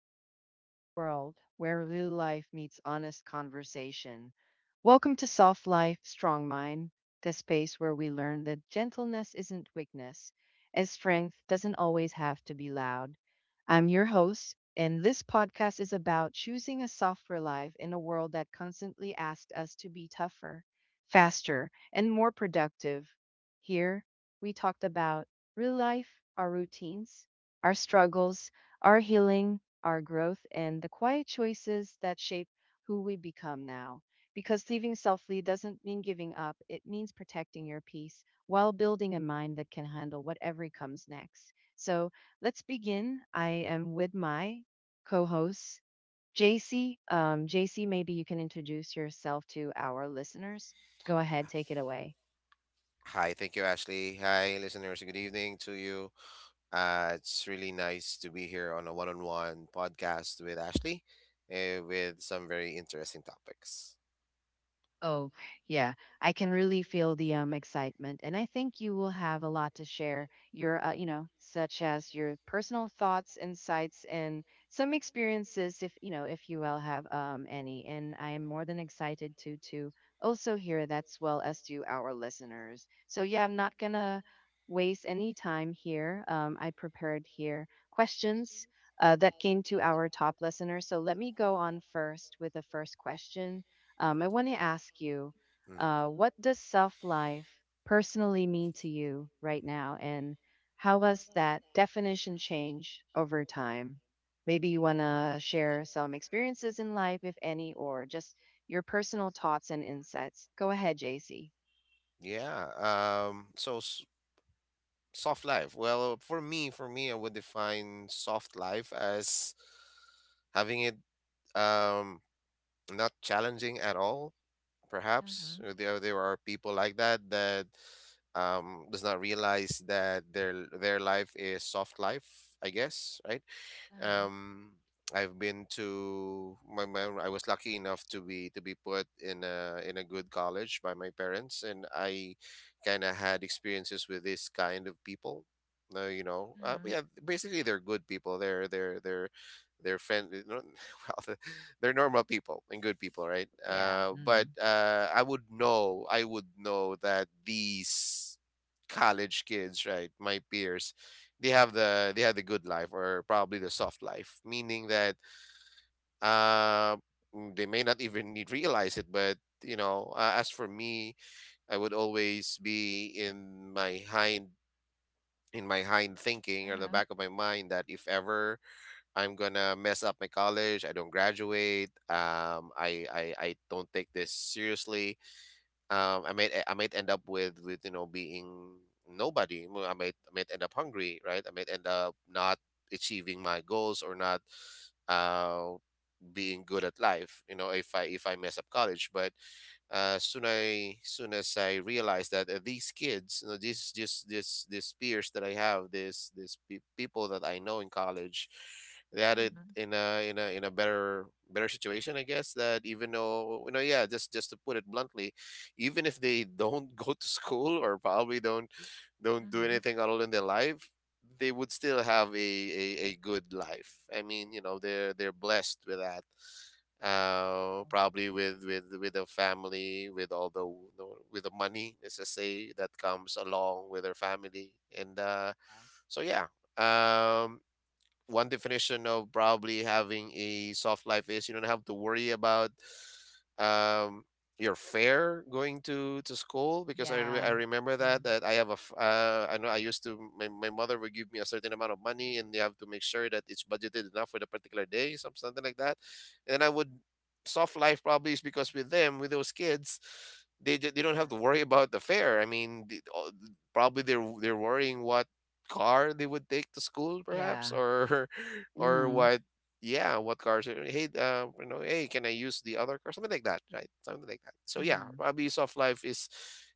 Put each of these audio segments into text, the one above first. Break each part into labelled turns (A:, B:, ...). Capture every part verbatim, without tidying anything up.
A: Talk, Real World, where real life meets honest conversation. Welcome to Soft Life, Strong Mind, the space where we learn that gentleness isn't weakness and strength doesn't always have to be loud. I'm your host, and this podcast is about choosing a softer life in a world that constantly asks us to be tougher, faster, and more productive. Here, we talked about real life, our routines, our struggles, our healing, our growth, and the quiet choices that shape who we become now. Because living selfly doesn't mean giving up, it means protecting your peace while building a mind that can handle whatever comes next. So let's begin. I am with my co host, J C. Um, J C, maybe you can introduce yourself to our listeners. Go ahead, take it away.
B: Hi, thank you, Ashley. Hi, listeners. Good evening to you. Uh, it's really nice to be here on a one on one podcast with Ashley, uh, with some very interesting topics.
A: Oh, yeah. I can really feel the um excitement, and I think you will have a lot to share. Your, uh, you know, such as your personal thoughts, insights, and some experiences, if you know, if you will have um any. And I am more than excited to to also hear that, as well as to our listeners. So yeah, I'm not gonna waste any time here. Um, I prepared here questions uh, that came to our top listeners. So let me go on first with the first question. Um, I want to ask you,
B: Mm.
A: uh, what does self life personally mean to you right now, and how has that definition changed over time? Maybe you want to share some experiences in life, if any, or just your personal thoughts and insights. Go ahead, J C.
B: Yeah. Um, so, s- soft life. Well, for me, for me, I would define soft life as having it, um, not challenging at all, perhaps. Or there there are people like that, that um does not realize that their their life is soft life, I guess, right?
A: Uh-huh.
B: um, I've been to my, my I was lucky enough to be to be put in a in a good college by my parents, and I kind of had experiences with this kind of people. No, you know, uh,
A: Uh-huh.
B: yeah, basically they're good people. They're they're they're they're friendly. Well, they're normal people and good people, right?
A: Yeah.
B: Uh, but
A: Mm.
B: uh, I would know, I would know that these college kids, right, my peers, they have the they have the good life, or probably the soft life, meaning that, uh, mm, they may not even need realize it. But, you know, uh, as for me, I would always be in my hind in my hind thinking, or the
A: Uh-huh.
B: back of my mind, that if ever I'm gonna mess up my college, I don't graduate, um, I I I don't take this seriously, um, I might I might end up with with you know being nobody. Well, I might I might end up hungry, right? I might end up not achieving my goals, or not, uh, being good at life, you know if i if i mess up college. But uh soon i soon as I realized that, uh, these kids, you know this just this these peers that I have, this this pe- people that I know in college, they had it in a in a in a better better situation, I guess. That even though, you know yeah, just just to put it bluntly, even if they don't go to school, or probably don't don't do anything at all in their life, they would still have a, a, a good life. I mean, you know, they're they're blessed with that. Uh, probably with with with a family, with all the, you know, with the money, let's just say, that comes along with their family. And uh, so, yeah. Um, one definition of probably having a soft life is you don't have to worry about, um your fare going to to school. Because I, re- I
A: Yeah. Yeah.
B: remember that
A: Mm.
B: that I have a f- uh, I know I used to my, my mother would give me a certain amount of money, and you have to make sure that it's budgeted enough for the particular day, some something like that. And I would soft life probably is because with them, with those kids, they, d- they don't have
A: Yeah.
B: to worry about the fare. I mean, the, all- probably they're they're worrying what car they would take to school,
A: Yeah.
B: perhaps. Or or
A: Mm.
B: what, yeah, what cars are- hey, uh, you know hey, can I use the other car, something like that, right? Something like that. So, yeah.
A: Mm.
B: Abuse of life is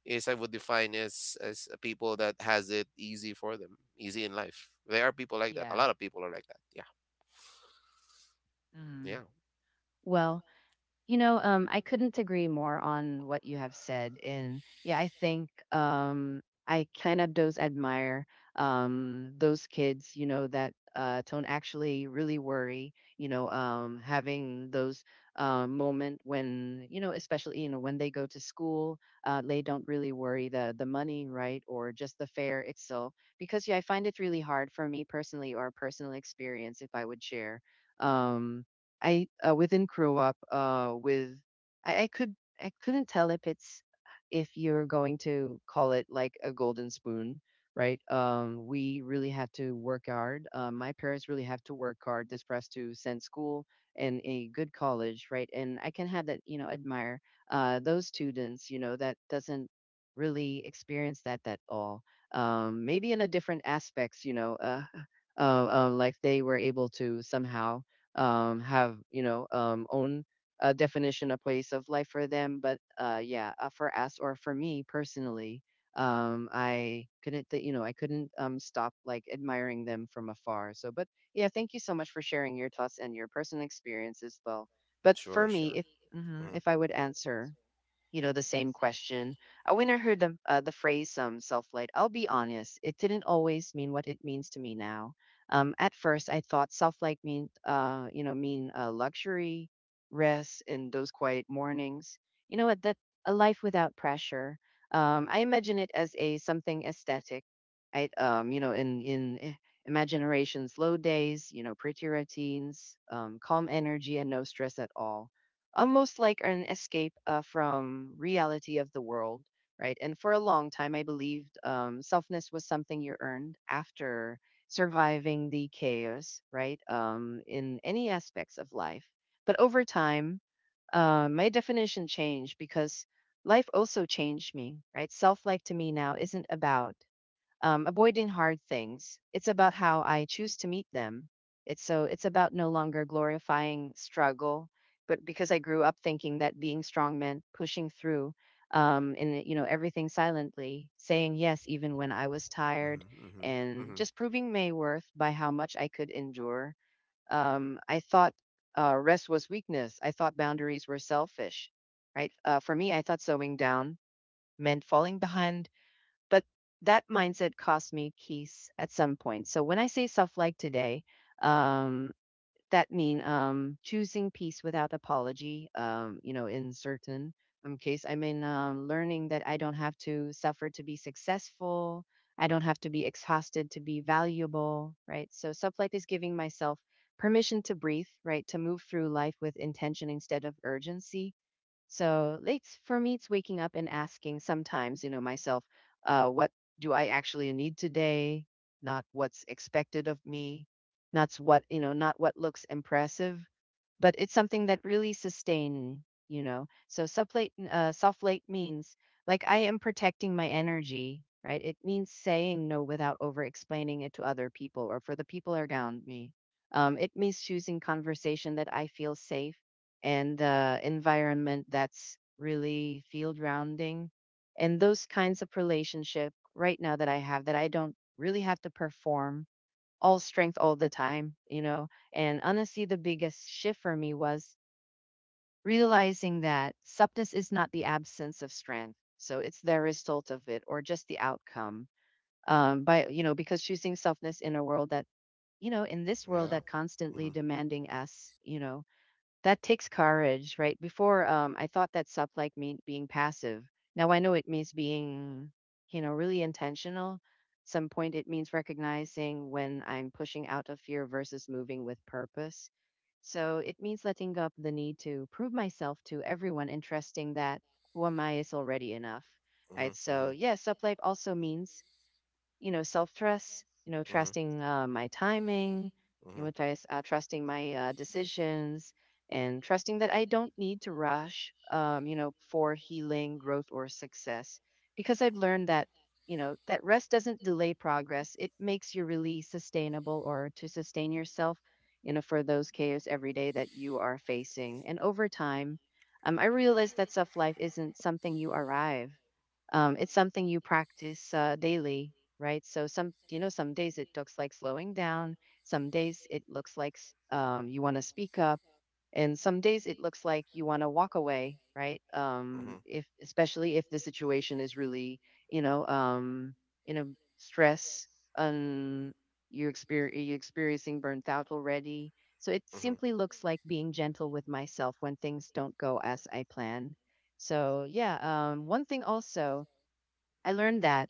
B: is I would define, as as a people that has it easy for them, easy in life. There are people like that. A
A: Yeah.
B: lot of people are like that. Yeah.
A: Mm.
B: Yeah.
A: Well, you know, um, I couldn't agree more on what you have said. And yeah, I think um, I kind of does admire um, those kids, you know, that uh, don't actually really worry, you know, um, having those uh, moment when, you know, especially, you know, when they go to school, uh, they don't really worry the, the money, right? Or just the fare itself. Because yeah, I find it really hard for me personally or a personal experience if I would share. Um, I uh, Within grow up uh, with I, I could I couldn't tell if it's if you're going to call it like a golden spoon, right? Um, we really have to work hard. Uh, my parents really have to work hard just for us to send school and a good college, right? And I can have that, you know, admire uh, those students, you know, that doesn't really experience that at all. Um, maybe in a different aspects, you know, uh, uh, uh, like they were able to somehow um, have you know um, own uh, definition a place of life for them but uh, yeah uh, for us or for me personally, um, I couldn't th- you know I couldn't um, stop like admiring them from afar. So but yeah, thank you so much for sharing your thoughts and your personal experience as well. But for
B: Sure,
A: me,
B: sure.
A: if mhm,
B: Hmm,
A: if I would answer, you know, the same question. Uh, when I heard the, uh, the phrase um, self light, I'll be honest, it didn't always mean what it means to me now. Um, at first, I thought self light mean, uh, you know, mean uh, luxury, rest, and those quiet mornings. You know what? That a life without pressure. Um, I imagine it as a something aesthetic. I, um, you know, in in eh, Imagination's low days, you know, pretty routines, um, calm energy, and no stress at all, almost like an escape uh, from reality of the world, right? And for a long time I believed um, selfness was something you earned after surviving the chaos, right? Um, in any aspects of life, but over time, uh, my definition changed because life also changed me, right? Self-like to me now isn't about um, avoiding hard things. It's about how I choose to meet them. It's so it's about no longer glorifying struggle, but because I grew up thinking that being strong meant pushing through, um, and you know everything silently, saying yes even when I was tired,
B: hmm,
A: and
B: hmm,
A: just proving my worth by how much I could endure. Um, I thought uh, Rest was weakness. I thought boundaries were selfish, right? Uh, for me, I thought slowing down meant falling behind, but that mindset cost me keys at some point. So when I say stuff like today, um, that mean um, choosing peace without apology. Um, you know, in certain um, case, I mean um, learning that I don't have to suffer to be successful. I don't have to be exhausted to be valuable, right? So stuff like this, giving myself permission to breathe, right, to move through life with intention instead of urgency. So it's for me, it's waking up and asking sometimes, you know, myself, uh, what do I actually need today? Not what's expected of me, not what, you know, not what looks impressive, but it's something that really sustain, you know. So sublate, uh, self-late means like I am protecting my energy, right? It means saying no without over-explaining it to other people or for the people around me. Um, it means choosing conversation that I feel safe and uh, environment that's really field rounding, and those kinds of relationship right now that I have, that I don't really have to perform all strength all the time, you know. And honestly, the biggest shift for me was realizing that substance is not the absence of strength. So it's the result of it or just the outcome, um, by you know because choosing softness in a world that, you know, in this
B: hmm.
A: world
B: Yeah.
A: that constantly demanding us, you know, that takes courage, right? Before, um, I thought that sup like me being passive. Now I know it means being, you know, really intentional. Some point it means recognizing when I'm pushing out of fear versus moving with purpose. So it means letting up the need to prove myself to everyone, and trusting that who am I is already enough. Right.
B: Mhm.
A: So
B: Mhm.
A: yeah, sup life also means, you know, self trust, you know,
B: Mhm.
A: trusting uh, my timing, you
B: Mhm.
A: know, trust, uh, trusting my uh, decisions, and trusting that I don't need to rush, um, you know, for healing, growth, or success. Because I've learned that, you know, that rest doesn't delay progress, it makes you really sustainable or to sustain yourself, you know, for those chaos every day that you are facing. And over time, um, I realized that self life isn't something you arrive, um, it's something you practice uh, daily, right? So some, you know, some days it looks like slowing down, some days it looks like s- um, you want to speak up, and some days it looks like you want to walk away, right? Um,
B: Mhm.
A: if, especially if the situation is really, you know, um, you know stress, um, you're, exper- you're experiencing burnt out already, so it
B: Mhm.
A: simply looks like being gentle with myself when things don't go as I plan. So yeah, um, one thing also I learned that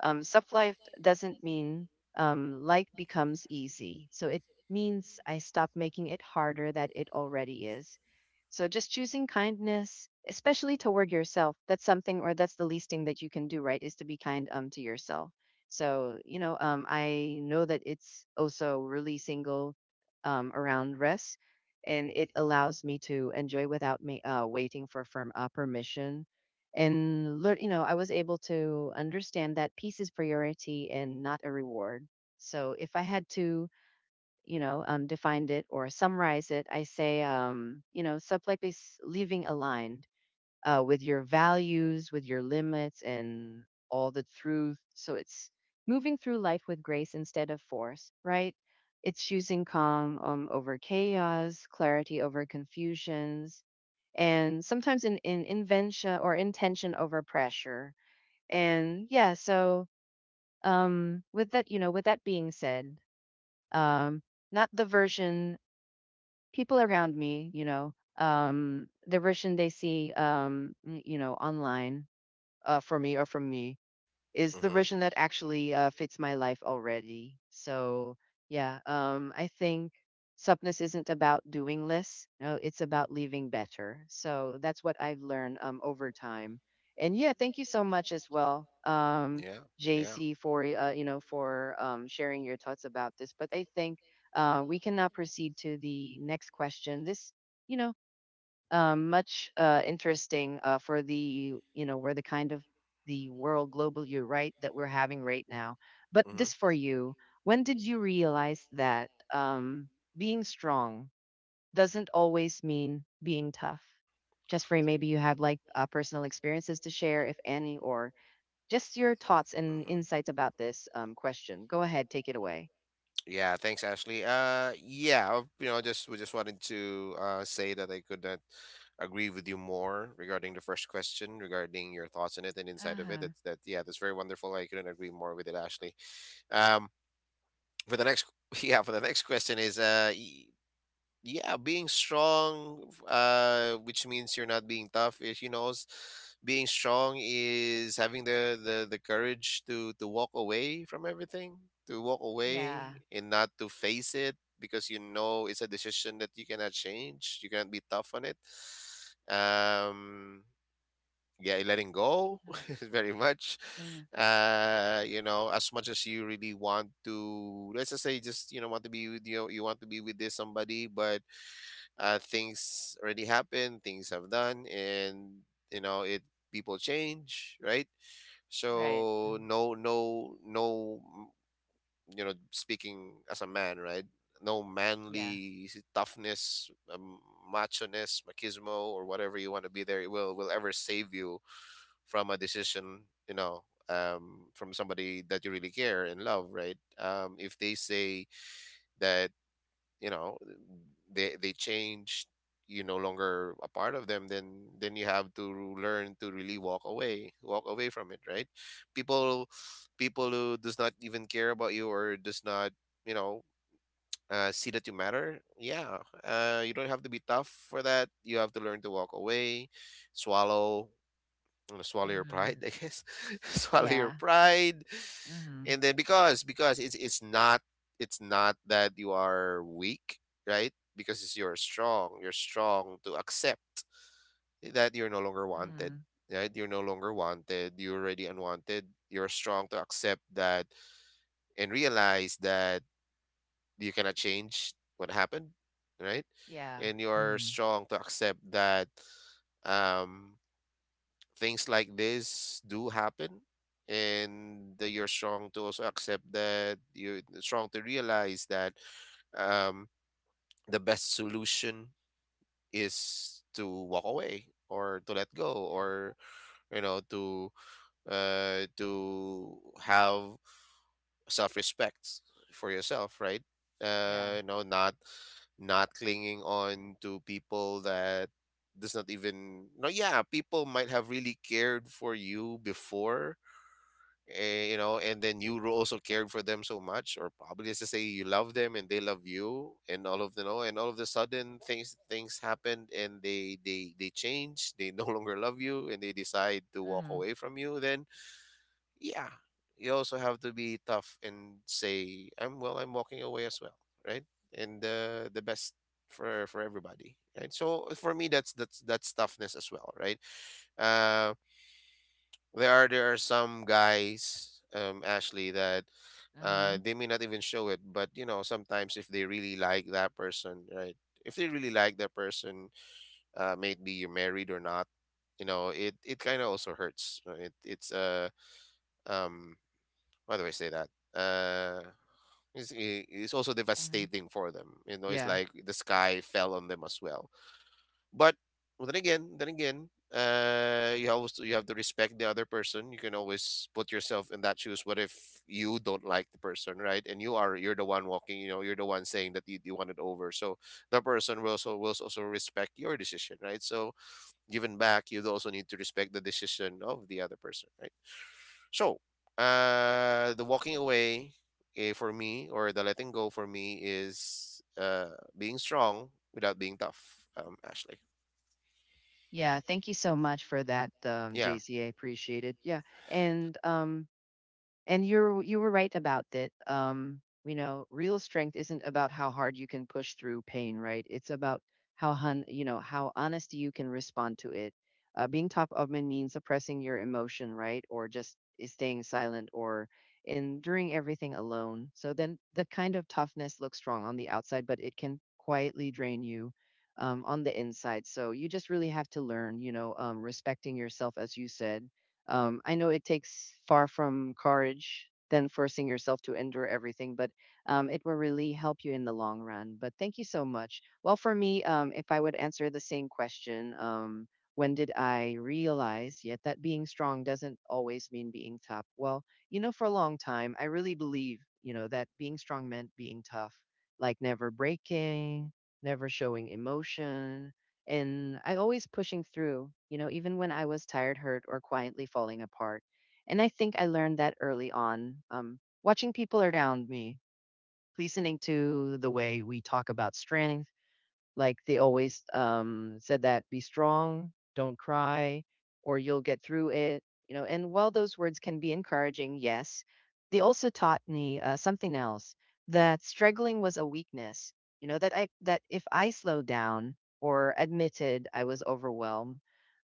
A: um, soft life doesn't mean um, life becomes easy. So it means I stop making it harder that it already is. So just choosing kindness, especially toward yourself, that's something or that's the least thing that you can do, right? Is to be kind um to yourself. So, you know, um I know that it's also really single um around rest, and it allows me to enjoy without me uh, waiting for firm uh, permission, and learn, you know, I was able to understand that peace is priority and not a reward. So if I had to, you know, um, define it or summarize it, I say, um, you know, self-like is living aligned uh, with your values, with your limits, and all the truth. So it's moving through life with grace instead of force, right? It's choosing calm um, over chaos, clarity over confusions, and sometimes in in invention or intention over pressure. And yeah, so um with that, you know, with that being said, um not the version people around me, you know, um the version they see um n- you know online, uh for me or from me, is the
B: Mhm.
A: version that actually uh, fits my life already. So yeah, um, I think supness isn't about doing less. No, it's about living better. So that's what I've learned um, over time. And yeah, thank you so much as well, um,
B: Yeah. Yeah.
A: J C, for uh, you know for um, sharing your thoughts about this. But I think uh, we can now proceed to the next question. This, you know um, much uh, interesting, uh, for the, you know where the kind of the world global, you, right, that we're having right now. But
B: Mhm.
A: this for you: when did you realize that um, being strong doesn't always mean being tough? Just for you, maybe you have like uh, personal experiences to share, if any, or just your thoughts and
B: Hmm.
A: insights about this um, question. Go ahead, take it away.
B: Yeah, thanks, Ashley. Uh, yeah, uh, you know, just we just wanted to, uh, say that I could not agree with you more regarding the first question, regarding your thoughts on it and inside of it.
A: Uh-huh.
B: That's that, yeah, that's very wonderful. I couldn't agree more with it, Ashley. Um, for the next, yeah, for the next question is, uh, y- yeah, being strong, uh, which means you're not being tough is, you know, s- being strong is having the, the, the courage to, to walk away from everything, to walk
A: Yeah.
B: away and not to face it, because, you know it's a decision that you cannot change. You cannot be tough on it. Um, yeah, letting go
A: Mm,
B: very much.
A: yeah.
B: Uh, you know, as much as you really want to, let's just say, just, you know, want to be with you, you want to be with this somebody. But, uh, things already happen, things have done, and you know it. People change, right?
A: Right.
B: So,
A: Mm.
B: no, no, no. Mm. You know, speaking as a man, right? No
A: Yeah.
B: manly, s- toughness, um, macho-ness, machismo, or whatever you want to be there, it will will ever save you from a decision. You know, um, from somebody that you really care and love, right? Um, if they say that, you know they they change, you're no longer a part of them, then then you have to learn to really walk away, walk away from it, right? People people who does not even care about you, or does not, you know uh, see that you matter, yeah. Uh, you don't have to be tough for that. You have to learn to walk away. swallow you know, Swallow your
A: Uh-huh.
B: pride, I guess. Swallow your
A: Yeah.
B: pride.
A: Uh-huh.
B: And then, because because it's it's not it's not that you are weak, right? Because it's you're strong. You're strong to accept that you're no longer wanted.
A: Mm,
B: Right? You're no longer wanted. You're already unwanted. You're strong to accept that, and realize that you cannot change what happened, right?
A: yeah.
B: And you're
A: Mm,
B: strong to accept that, um things like this do happen. And that you're strong to also accept that, you're strong to realize that, um, the best solution is to walk away, or to let go,
A: yeah.
B: or you know to uh, to have self-respect for yourself, right?
A: Yeah.
B: uh, you know not not clinging on to people that does not even, no, yeah, people might have really cared for you before, eh, you know, and then you also cared for them so much. Or probably, let's just say, you love them and they love you, and all of the know, and all of the sudden, things things happened, and they they they change. They no longer love you, and they decide to walk
A: Mhm,
B: away from you. Then, yeah, you also have to be tough and say, I'm well, I'm walking away as well, right? And uh, the best for for everybody, right? So for me, that's that's that's toughness as well, right? Uh. There are there are some guys, um, Ashley, that, uh
A: mhm,
B: they may not even show it. But, you know, sometimes, if they really like that person, right? If they really like that person, uh maybe you're married or not, you know, it it kind of also hurts. You know, It it's uh um how do I say that? Uh it's, i- it's also
A: mhm.
B: devastating for them. You know, it's
A: Yeah.
B: like the sky fell on them as well. But, well, then again, then again, uh, you always you have to respect the other person. You can always put yourself in that shoes. What if you don't like the person, right? And you are you're the one walking. You know, you're the one saying that you, you want it over. So the person will also will also respect your decision, right? So, given back, you also need to respect the decision of the other person, right? So uh, the walking away, eh, for me, or the letting go for me, is, uh being strong without being tough. Um, Ashley.
A: Yeah, thank you so much for that, um,
B: Yeah.
A: J C. Appreciate it. Yeah, and, um And you're you were right about that. Um, you know, real strength isn't about how hard you can push through pain, right? It's about how hun, you know, how honest you can respond to it. Uh, being top of mind means suppressing your emotion, right? Or just, eh, staying silent or enduring everything alone. So then the kind of toughness looks strong on the outside, but it can quietly drain you, um, on the inside. So you just really have to learn, you know, um, respecting yourself, as you said, um, I know it takes far from courage than forcing yourself to endure everything, but um, it will really help you in the long run. But thank you so much. Well, for me, um, if I would answer the same question, um, when did I realize yet that being strong doesn't always mean being tough? Well, you know, for a long time, I really believe, you know, that being strong meant being tough, like never breaking, never showing emotion, and I always pushing through, you know, even when I was tired, hurt, or quietly falling apart. And I think I learned that early on, um, watching people around me, listening to the way we talk about strength, like they always um, said that be strong, don't cry, or you'll get through it. You know, and while those words can be encouraging, yes, they also taught me uh, something else: that struggling was a weakness. You know that I that if I slowed down or admitted I was overwhelmed,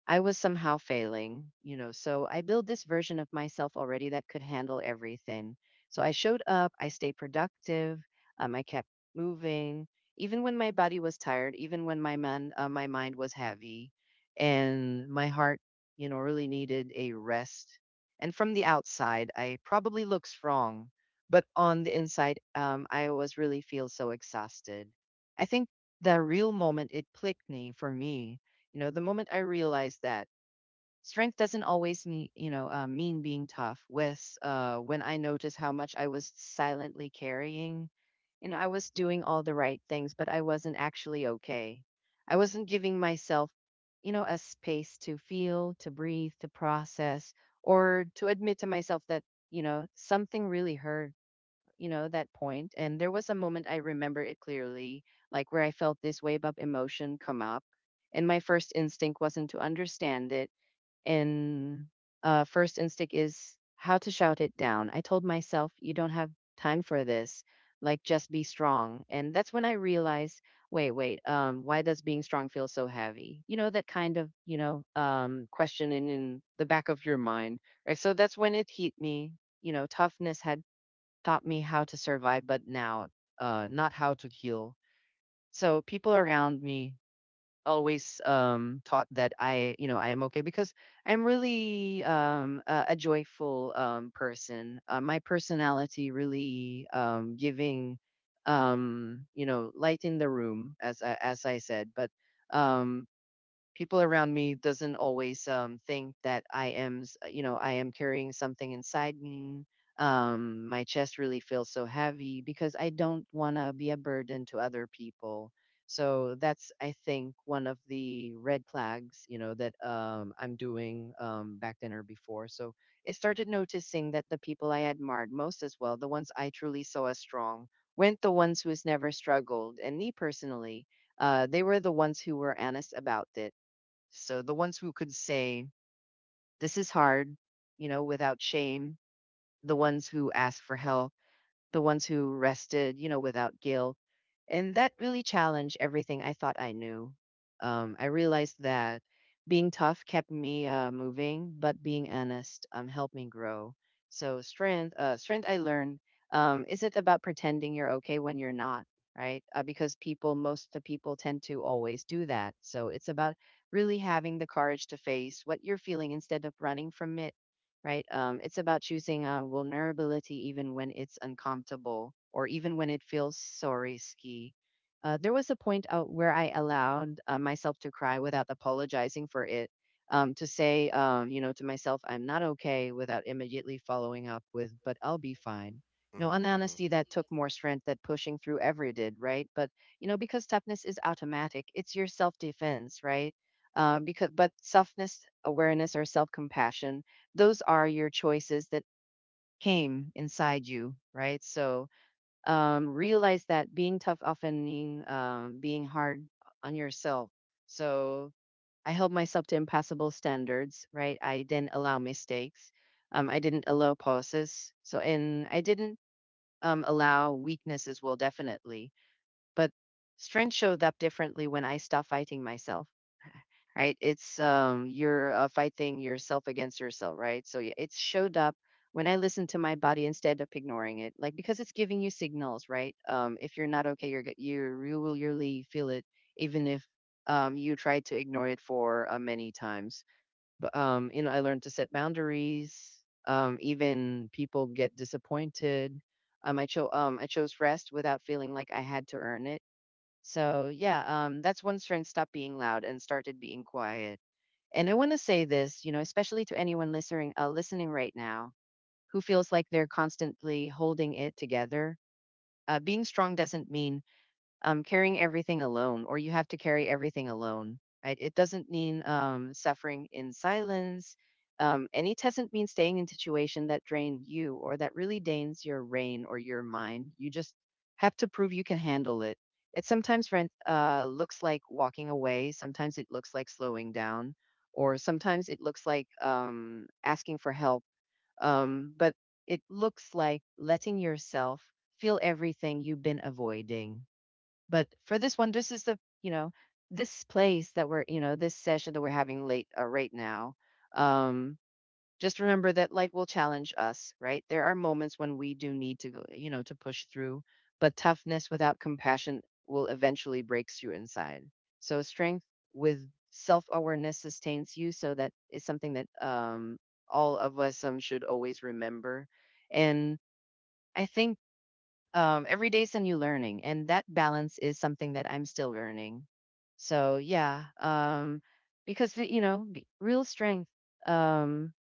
A: I was somehow failing, you know. So I built this version of myself already that could handle everything. So I showed up, I stayed productive, um, I kept moving, even when my body was tired, even when my man, uh, my mind was heavy, and my heart, you know, really needed a rest. And from the outside, I probably looked strong, but on the inside, um, I was really feel so exhausted. I think the real moment it clicked me for me you know, the moment I realized that strength doesn't always mean, you know, uh, mean being tough. With uh, When I noticed how much I was silently carrying, you know, I was doing all the right things, but I wasn't actually okay. I wasn't giving myself, you know, a space to feel, to breathe, to process, or to admit to myself that, you know, something really hurt, you know, that point. And there was a moment, I remember it clearly, like where I felt this wave of emotion come up, and my first instinct wasn't to understand it, and uh, first instinct is how to shout it down. I told myself, you don't have time for this, like just be strong. And that's when I realized, wait, wait, um why does being strong feel so heavy? You know, that kind of, you know, um question in, in the back of your mind, right? So that's when it hit me. You know, toughness had taught me how to survive, but now, uh, not how to heal. So people around me always um, taught that I, you know, I am okay because I'm really, um, a, a joyful, um, person. Uh, my personality really, um, giving, um, you know, light in the room, as I- as I said, but. Um, People around me doesn't always um, think that I am, s- you know, I am carrying something inside me. Um, my chest really feels so heavy because I don't want to be a burden to other people. So that's, I think, one of the red flags, you know, that um, I'm doing, um, back then or before. So I started noticing that the people I admired most as well, the ones I truly saw as strong, weren't the ones who's never struggled. And me personally, uh, they were the ones who were honest about it. So the ones who could say, "This is hard," you know, without shame, the ones who ask for help, the ones who rested, you know, without guilt. And that really challenged everything I thought I knew. Um, I realized that being tough kept me uh, moving, but being honest um, helped me grow. So strength, uh, strength I learned, um, isn't about pretending you're okay when you're not, right? Uh, because people, most of the people tend to always do that. So it's about really having the courage to face what you're feeling instead of running from it, right? Um, it's about choosing uh, vulnerability even when it's uncomfortable or even when it feels so risky. Uh, there was a point out where I allowed uh, myself to cry without apologizing for it, um, to say, um, you know, to myself, I'm not okay, without immediately following up with, but I'll be fine. You know,
B: Hmm.
A: an
B: Hmm.
A: honesty that took more strength than pushing through ever did, right? But, you know, because toughness is automatic, it's your self defense, right? Uh, because, but softness, awareness, or self compassion, those are your choices that came inside you, right? So, um, realize that being tough often mean, um, being hard on yourself. So I held myself to impassable standards, right? I didn't allow mistakes. Um, I didn't allow pauses. So and I didn't, um, allow weakness as well, definitely. But strength showed up differently when I stopped fighting myself, right? It's, um you're, uh, fighting yourself against yourself, right? So yeah, it showed up when I listened to my body instead of ignoring it, like because it's giving you signals, right? Um, if you're not okay, you're g- you you will really feel it, even if, um you try to ignore it for uh, many times. But, um, you know, I learned to set boundaries. Um, even people get disappointed. Um, I chose um I chose rest without feeling like I had to earn it. So yeah, um, that's when strength stopped being loud and started being quiet. And I want to say this, you know, especially to anyone listening uh, listening right now, who feels like they're constantly holding it together. Uh, being strong doesn't mean um, carrying everything alone, or you have to carry everything alone, right? It doesn't mean um, suffering in silence. Um, and it doesn't mean staying in situation that drained you or that really drains your brain or your mind. You just have to prove you can handle it. It sometimes rent, uh, looks like walking away. Sometimes it looks like slowing down, or sometimes it looks like um, asking for help. Um, but it looks like letting yourself feel everything you've been avoiding. But for this one, this is the, you know this place that we're, you know this session that we're having late, uh, right now. Um, just remember that life will challenge us, right? There are moments when we do need to go, you know, to push through, but toughness without compassion will eventually break through inside. So strength with self-awareness sustains you. So that is something that, um, all of us, um, should always remember. And I think, um, every day is a new learning, and that balance is something that I'm still learning. So yeah, um, because the- you know, the real strength, um,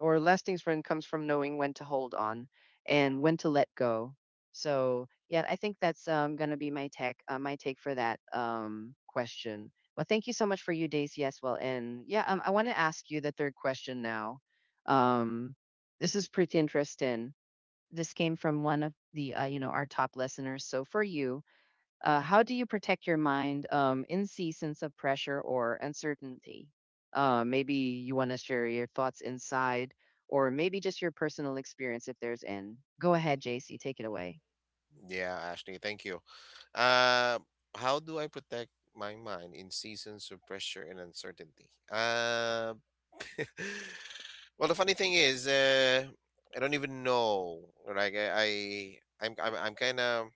A: or lasting strength comes from knowing when to hold on and when to let go. So yeah, I think that's um, gonna be my tech, uh, my take for that, um, question. Well, thank you so much for you, Daisy, as well. And yeah, um, I want to ask you the third question now. Um, this is pretty interesting. This came from one of the, uh, you know, our top listeners. So for you, uh, how do you protect your mind um, in seasons of pressure or uncertainty? Uh, maybe you want to share your thoughts inside, or maybe just your personal experience if there's in. Go ahead, J C, take it away.
B: Yeah, Ashley, thank you. Uh, how do I protect my mind in seasons of pressure and uncertainty? Uh, well, the funny thing is, uh, I don't even know. Like, I, I I'm, I'm, I'm kind of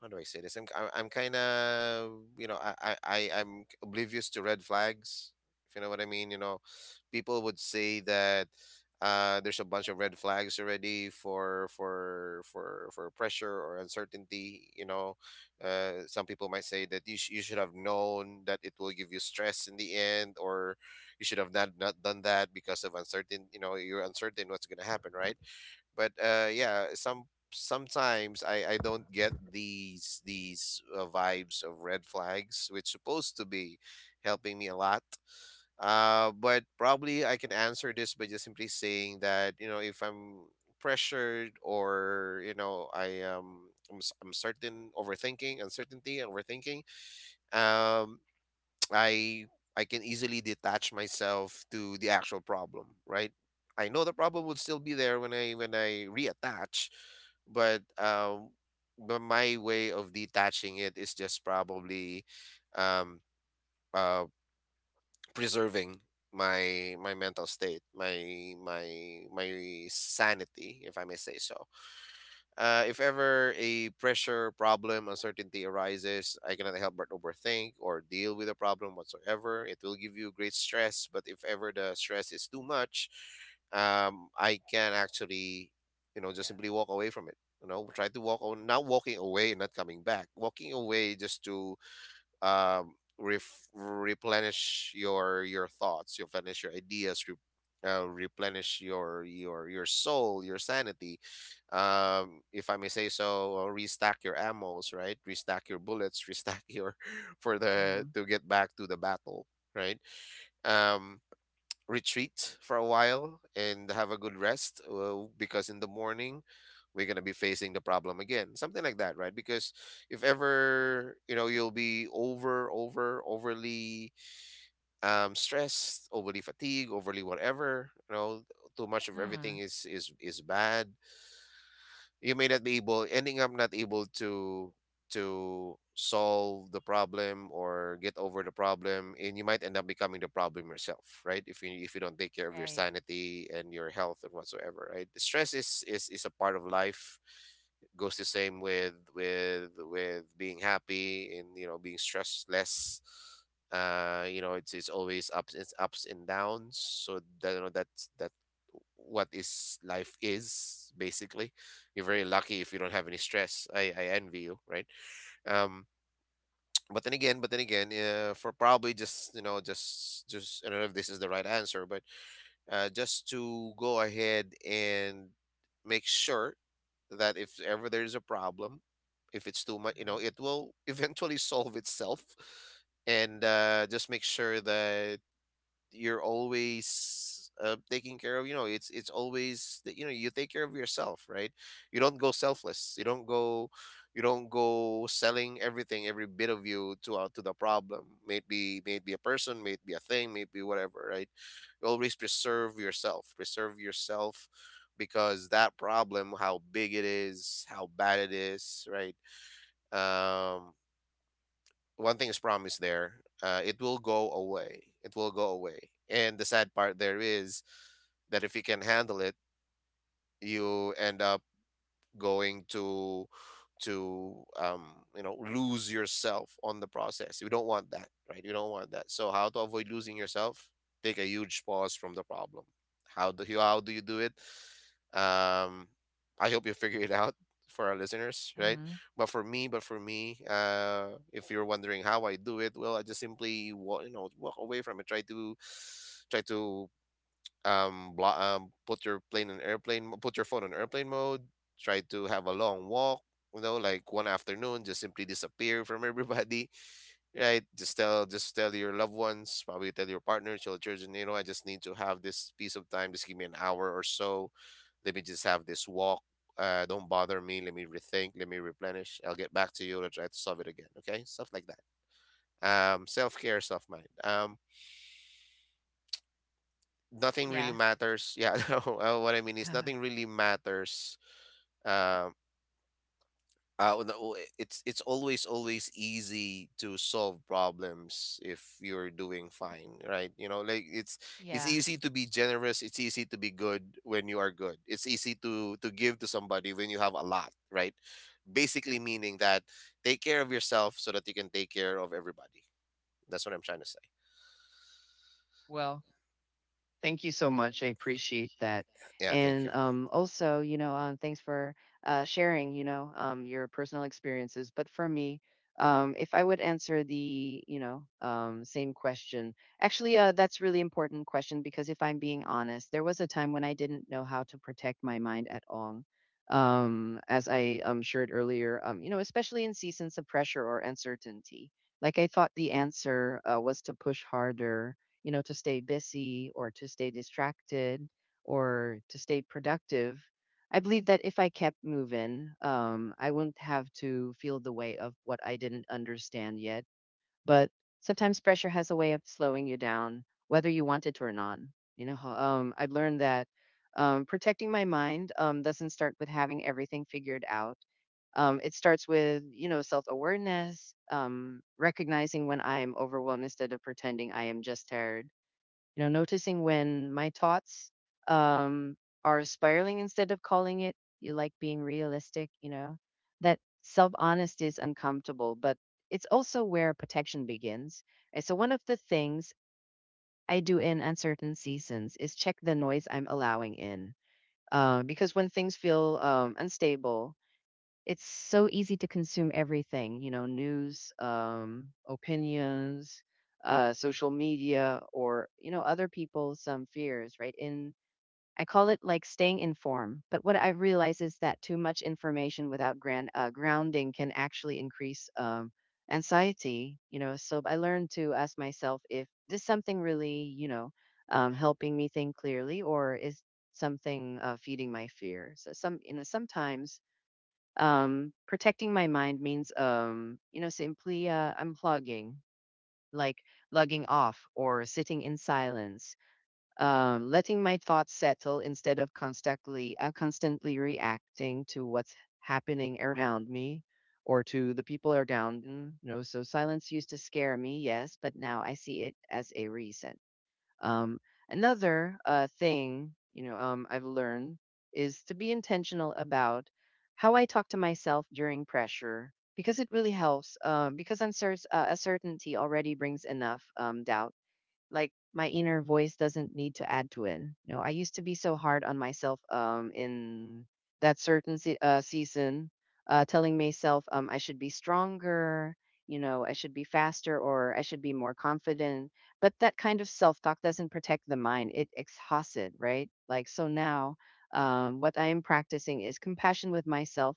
B: how do I say this? I'm I'm, I'm kind of, you know I, I I I'm oblivious to red flags. If you know what I mean, you know, people would say that, uh, there's a bunch of red flags already for for for for pressure or uncertainty. You know, uh, some people might say that you sh- you should have known that it will give you stress in the end, or you should have not not done that because of uncertain. You know, you're uncertain what's going to happen, right? but uh yeah, some sometimes i i don't get these these uh, vibes of red flags, which supposed to be helping me a lot. Uh but probably I can answer this by just simply saying that, you know if I'm pressured, or, you know i am i'm, s- I'm certain overthinking, uncertainty overthinking, um I I can easily detach myself to the actual problem, right? I know the problem would still be there when I when I reattach, but um, but my way of detaching it is just probably, um, uh, preserving my my mental state, my my my sanity, if I may say so. Uh, if ever a pressure, problem, uncertainty arises, I cannot help but overthink or deal with the problem whatsoever. It will give you great stress, but if ever the stress is too much, um, I can actually, you know,
A: Yeah.
B: just simply walk away from it. You know, try to walk on, not walking away and not coming back. Walking away just to um, ref- replenish your your thoughts, replenish your ideas, re- uh, replenish your your your soul, your sanity. Um, if I may say so, or restack your ammos, right? Restack your bullets, restack your for the
A: Mm.
B: to get back to the battle, right? Um, Retreat for a while and have a good rest uh, because in the morning we're going to be facing the problem again, something like that, right? Because if ever, you know, you'll be over over overly um stressed, overly fatigued, overly whatever, you know, too much of everything
A: Mm.
B: is is is bad. You may not be able, ending up not able to to solve the problem or get over the problem, and you might end up becoming the problem yourself, right? If you if you don't take care of your
A: Right.
B: sanity and your health and whatsoever, right? The stress is is is a part of life. Goes the same with with with being happy and, you know, being stress less. Uh you know, it's it's always ups, it's ups and downs, so that, you know, that's that. What is life is basically. You're very lucky if you don't have any stress. I, I envy you, right? Um, but then again, but then again, uh, for probably just, you know, just just I don't know if this is the right answer, but uh, just to go ahead and make sure that if ever there is a problem, if it's too much, you know, it will eventually solve itself, and uh, just make sure that you're always uh, taking care of, you know, it's it's always that, you know, you take care of yourself, right? You don't go selfless, you don't go, you don't go selling everything, every bit of you to out, to the problem, may it be, may it be a person, may it be a thing, may it be whatever, right? You always preserve yourself, preserve yourself. Because that problem, how big it is, how bad it is, right? um One thing is promised there. Uh, it will go away, it will go away. And the sad part there is that if you can handle it, you end up going to to um you know, lose yourself on the process. You don't want that, right? You don't want that. So how to avoid losing yourself? Take a huge pause from the problem. How do you how do you do it? um I hope you figure it out for our listeners,
A: Mm.
B: right?
A: Mm.
B: But for me, but for me, uh if you're wondering how I do it, well, I just simply wa- you know, walk away from it. Try to, try to um, blo- um put your plane in airplane mo- Put your phone on airplane mode. Try to have a long walk, you know, like one afternoon. Just simply disappear from everybody. Right, just tell, just tell your loved ones, probably tell your partners, your children, you know, I just need to have this piece of time, just give me an hour or so. Let me just have this walk. Uh, don't bother me, let me rethink, let me replenish. I'll get back to you, I'll try to solve it again. Okay, stuff like that. Um self-care, self-mind. Um nothing really
A: Yeah.
B: matters. Yeah, no, uh, what I mean is nothing really matters. Um, uh, oh, no, oh, it's it's always always easy to solve problems if you're doing fine, right? You know, like it's it's
A: Yeah.
B: easy to be generous. It's easy to be good when you are good. It's easy to to give to somebody when you have a lot, right? Basically meaning that, take care of yourself so that you can take care of everybody. That's what I'm trying to say.
A: Well, thank you so much. I appreciate that.
B: Yeah, thank you.
A: And, um, also, you know, um, thanks for uh, sharing, you know, um, your personal experiences. But for me, um, if I would answer the, you know, um, same question, actually, uh, that's really important question because if I'm being honest, there was a time when I didn't know how to protect my mind at all. Um, as I um, shared earlier, um, you know, especially in seasons of pressure or uncertainty, like I thought the answer uh, was to push harder, you know, to stay busy or to stay distracted or to stay productive. I believe that if I kept moving, um, I wouldn't have to feel the weight of what I didn't understand yet. But sometimes pressure has a way of slowing you down, whether you want it or not. You know, um, I've learned that um, protecting my mind um, doesn't start with having everything figured out. Um, it starts with you know self-awareness, um, recognizing when I'm overwhelmed instead of pretending I am just tired, you know noticing when my thoughts um are spiraling instead of calling it you like being realistic. You know that self honesty is uncomfortable, but it's also where protection begins. And so one of the things I do in uncertain seasons is check the noise I'm allowing in, uh, because when things feel um, unstable, it's so easy to consume everything, you know, news, um, opinions, uh, social media, or, you know, other people's some fears, right? In I call it like staying informed. But what I realize is that too much information without grand, uh, grounding can actually increase um, anxiety, you know. So I learned to ask myself if this something really, you know, um, helping me think clearly, or is something uh, feeding my fear? So some, you know, sometimes um protecting my mind means um you know simply uh unplugging, like logging off or sitting in silence, um letting my thoughts settle instead of constantly uh, constantly reacting to what's happening around me or to the people around me, you know. So silence used to scare me, yes, but now I see it as a reset. um, Another uh, thing, you know, um, I've learned is to be intentional about how I talk to myself during pressure, because it really helps. Uh, because uncer- uh, uncertainty already brings enough um, doubt. Like my inner voice doesn't need to add to it. You know, I used to be so hard on myself um in that certain se- uh, season, uh, telling myself um I should be stronger, you know, I should be faster, or I should be more confident. But that kind of self-talk doesn't protect the mind. It exhausts it, right? Like, so now, um, what I am practicing is compassion with myself.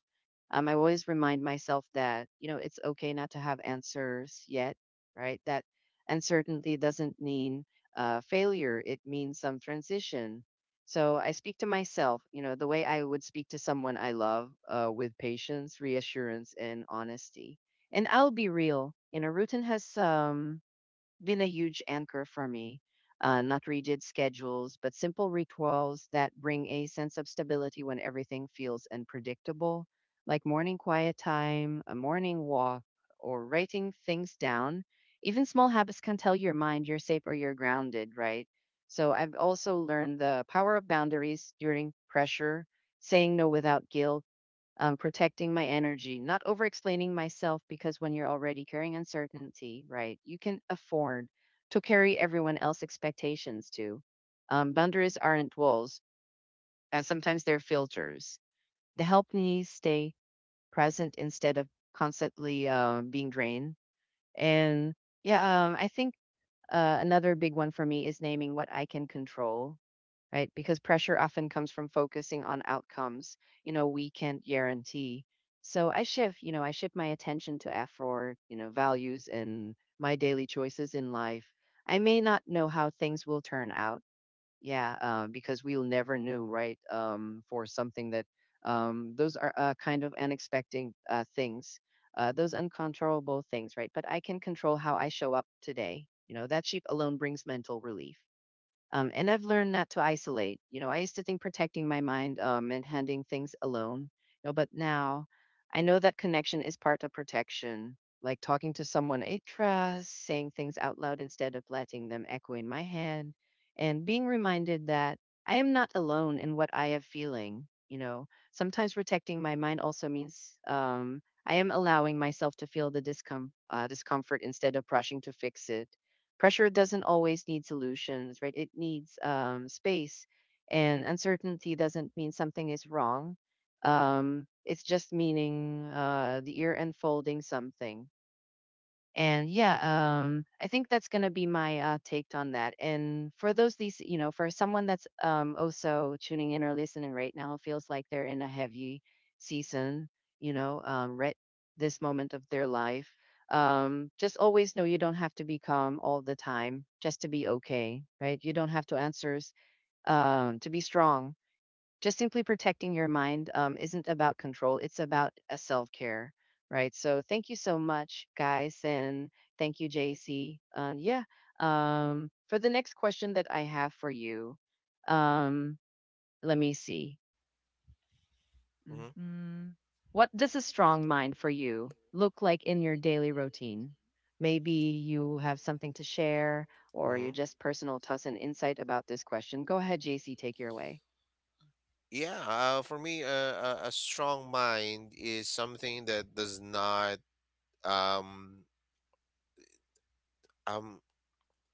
A: Um, I always remind myself that you know it's okay not to have answers yet, right? That and certainly doesn't mean uh, failure, it means some transition. So I speak to myself, you know, the way I would speak to someone I love, uh, with patience, reassurance, and honesty. And I'll be real, you know, rutin has um been a huge anchor for me. Uh, not rigid schedules, but simple rituals that bring a sense of stability when everything feels unpredictable, like morning quiet time, a morning walk, or writing things down. Even small habits can tell your mind you're safe or you're grounded, right? So I've also learned the power of boundaries during pressure, saying no without guilt, um, protecting my energy, not over explaining myself, because when you're already carrying uncertainty, right, you can afford to carry everyone else's expectations too. Um, boundaries aren't walls, and sometimes they're filters. They help me stay present instead of constantly uh, being drained. And yeah, um, I think uh, another big one for me is naming what I can control, right? Because pressure often comes from focusing on outcomes, you know, we can't guarantee. So I shift, you know, I shift my attention to Afro, you know, values and my daily choices in life. I may not know how things will turn out. Yeah, uh, because we'll never know, right? Um, for something that um, those are uh, kind of unexpected uh, things, uh, those uncontrollable things, right? But I can control how I show up today. You know, that sheep alone brings mental relief. Um, and I've learned not to isolate. You know, I used to think protecting my mind um, and handling things alone. You know, but now I know that connection is part of protection. Like talking to someone I trust, saying things out loud instead of letting them echo in my head, and being reminded that I am not alone in what I am feeling. You know, sometimes protecting my mind also means um, I am allowing myself to feel the discom- uh, discomfort instead of rushing to fix it. Pressure doesn't always need solutions, right? It needs um, space, and uncertainty doesn't mean something is wrong. Um, it's just meaning uh, the ear unfolding something. And yeah, um, I think that's going to be my uh, take on that. And for those, these, you know, for someone that's um, also tuning in or listening right now, feels like they're in a heavy season, you know, um, right this moment of their life. Um, just always know you don't have to be calm all the time just to be okay, right? You don't have to answers um, to be strong, just simply protecting your mind um, isn't about control, it's about a self care, right? So thank you so much, guys. And thank you, J C. Uh, yeah. Um, for the next question that I have for you, um, let me see.
B: Mhm.
A: Mhm. What does a strong mind for you look like in your daily routine? Maybe you have something to share or
B: Hmm.
A: you just personal thoughts and insight about this question. Go ahead, J C, take your away.
B: Yeah, uh, for me, uh, a, a strong mind is something that does not um um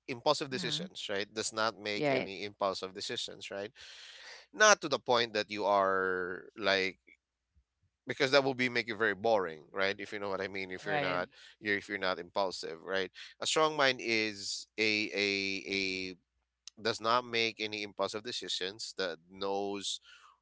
B: impulsive
A: Mhm.
B: decisions, right? Does not make
A: Yeah.
B: any impulsive decisions, right? Not to the point that you are like, because that will be make you very boring, right? If you know what I mean. If you're
A: Right.
B: not, you're, if you're not impulsive, right? A strong mind is a a does not make any impulsive decisions, that knows,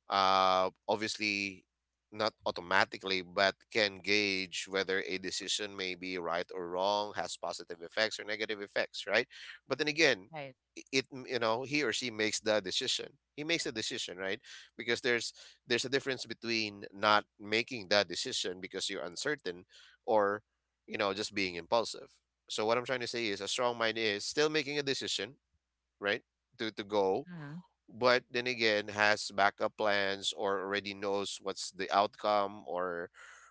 B: uh obviously not automatically, but can gauge whether a decision may be right or wrong, has positive effects or negative effects, right? But then again,
A: Right.
B: i- it, you know, he or she makes the decision, he makes the decision, right? Because there's there's a difference between not making that decision because you're uncertain, or, you know, just being impulsive. So what I'm trying to say is a strong mind is still making a decision, right? To, to go,
A: Mhm.
B: but then again has backup plans, or already knows what's the outcome, or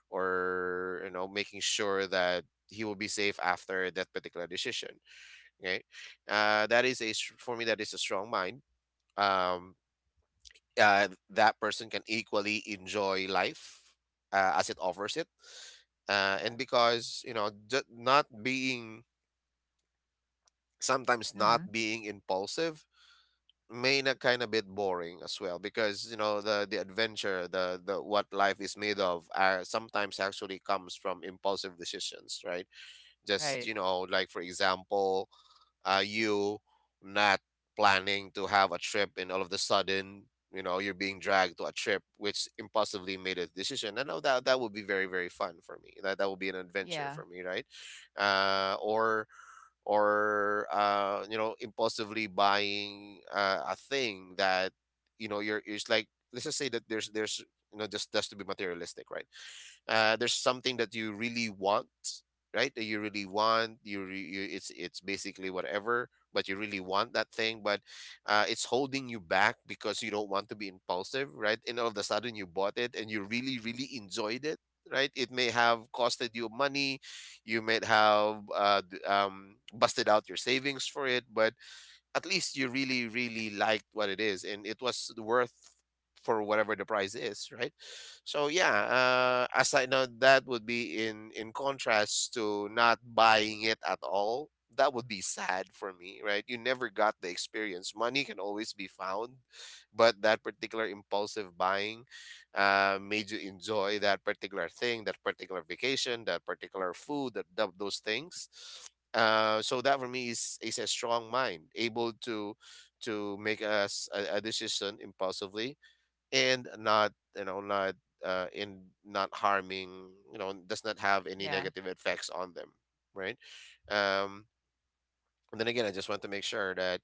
B: or you know, making sure that he will be safe after that particular decision. Right? Uh, that is a str- for me, that is a strong mind. Um, uh, that person can equally enjoy life uh, as it offers it. Uh, and
A: Yeah.
B: because, you know, ju- not being, sometimes not
A: Mhm.
B: being impulsive made a kind of bit boring as well, because you know, the the adventure, the the what life is made of, are sometimes actually comes from impulsive decisions, right? Just,
A: Right.
B: you know, like for example, uh, you, not planning to have a trip and all of the sudden, you know, you're being dragged to a trip which impulsively made a decision. I know that that would be very, very fun for me. That that would be an adventure
A: Yeah.
B: for me, right? Uh, or or uh, you know, impulsively buying uh, a thing that, you know, you're, it's like, let's just say that there's there's, you know, just just to be materialistic, right? Uh, there's something that you really want, right, that you really want, you, re- you, it's it's basically whatever, but you really want that thing, but uh, it's holding you back because you don't want to be impulsive, right? And all of a sudden you bought it and you really, really enjoyed it, right? It may have costed you money, you might have uh, d- um, busted out your savings for it, but at least you really, really liked what it is, and it was worth for whatever the price is, right? So yeah, uh as I know, that would be in, in contrast to not buying it at all. That would be sad for me, right? You never got the experience. Money can always be found, but that particular impulsive buying uh, made you enjoy that particular thing, that particular vacation, that particular food, that, that those things. Uh, so that for me is is a strong mind, able to to make us a, a decision impulsively, and not, you know, not uh, in not harming, you know, does not have any
A: Yeah.
B: negative effects on them, right? Um, and then again, I just want to make sure that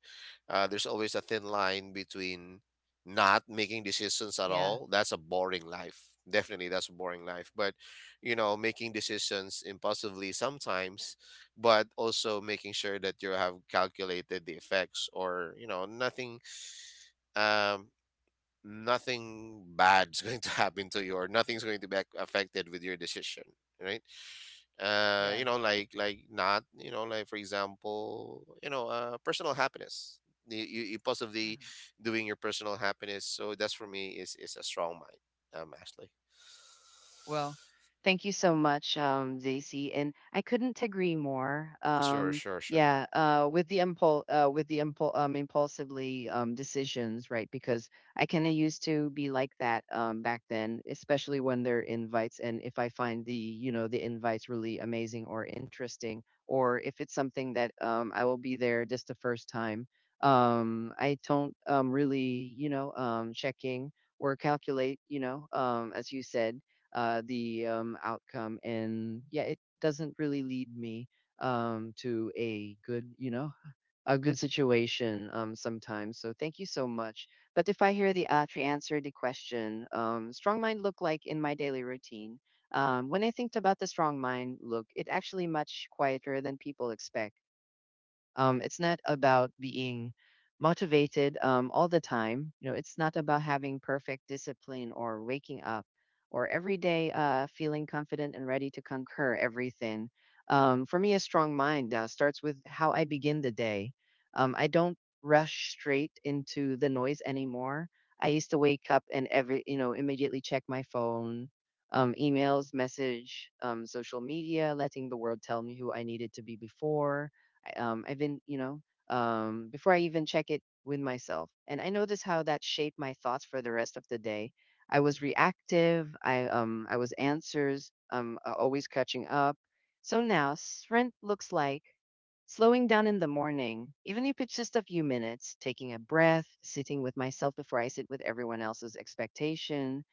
B: uh, there's always a thin line between not making decisions at
A: Yeah.
B: all. That's a boring life. Definitely, that's a boring life. But, you know, making decisions impulsively sometimes, but also making sure that you have calculated the effects, or, you know, nothing. Um, nothing bad's going to happen to you or nothing's going to be ac- affected with your decision, right? Uh
A: Yeah.
B: you know, like like not, you know, like for example, you know, uh personal happiness. You, you, you possibly
A: Uh-huh.
B: doing your personal happiness, so that's for me is is a strong mind, um Ashley.
A: Well, thank you so much, um, J C, and I couldn't agree more.
B: Sure,
A: Um,
B: sure, sure.
A: yeah, uh, with the impul uh, with the impul um, impulsively um, decisions, right? Because I kind of used to be like that um, back then, especially when there are invites, and if I find the you know the invites really amazing or interesting, or if it's something that um, I will be there just the first time. Um, I don't um, really, you know, um, checking or calculate, you know, um, as you said uh, the um, outcome. And yeah, it doesn't really lead me um, to a good, you know, a good situation um, sometimes. So thank you so much. But if I hear the Atri answer the question, um, strong mind look like in my daily routine. Um, when I think about the strong mind look, it actually much quieter than people expect. Um, it's not about being motivated um, all the time. You know, it's not about having perfect discipline or waking up or every day uh, feeling confident and ready to conquer everything. Um, for me, a strong mind uh, starts with how I begin the day. Um, I don't rush straight into the noise anymore. I used to wake up and every, you know, immediately check my phone, um, emails, message, um, social media, letting the world tell me who I needed to be before I- um, I've been, you know, um, before I even check it with myself. And I noticed how that shaped my thoughts for the rest of the day. I was reactive. I um, I was answers. Um, uh, always catching up. So now strength looks like slowing down in the morning, even if it's just a few minutes, taking a breath, sitting with myself before I sit with everyone else's expectation.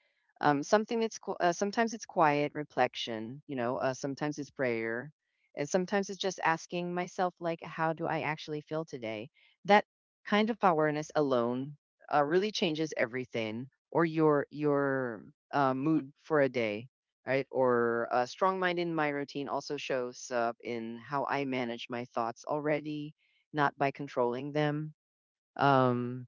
A: Um, something that's qu- uh, sometimes it's quiet reflection, you know. Uh, sometimes it's prayer, and sometimes it's just asking myself, like, how do I actually feel today? That kind of awareness alone uh, really changes everything or your your uh, mood for a day, right? Or a strong mind in my routine also shows up in how I manage my thoughts already, not by controlling them. Um,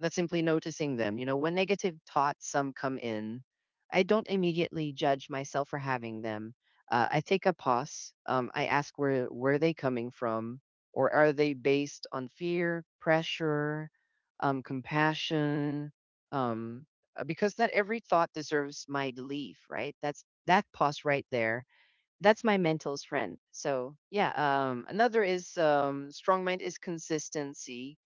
A: that's simply noticing them. You know, when negative thoughts some come in, I don't immediately judge myself for having them. Uh, I take a pause. Um, I ask where where they coming from, or are they based on fear, pressure, um, compassion? Um, uh, because not every thought deserves my belief, right? That's that pause right there, that's my mental's friend. So yeah, um, another is um, strong mind is consistency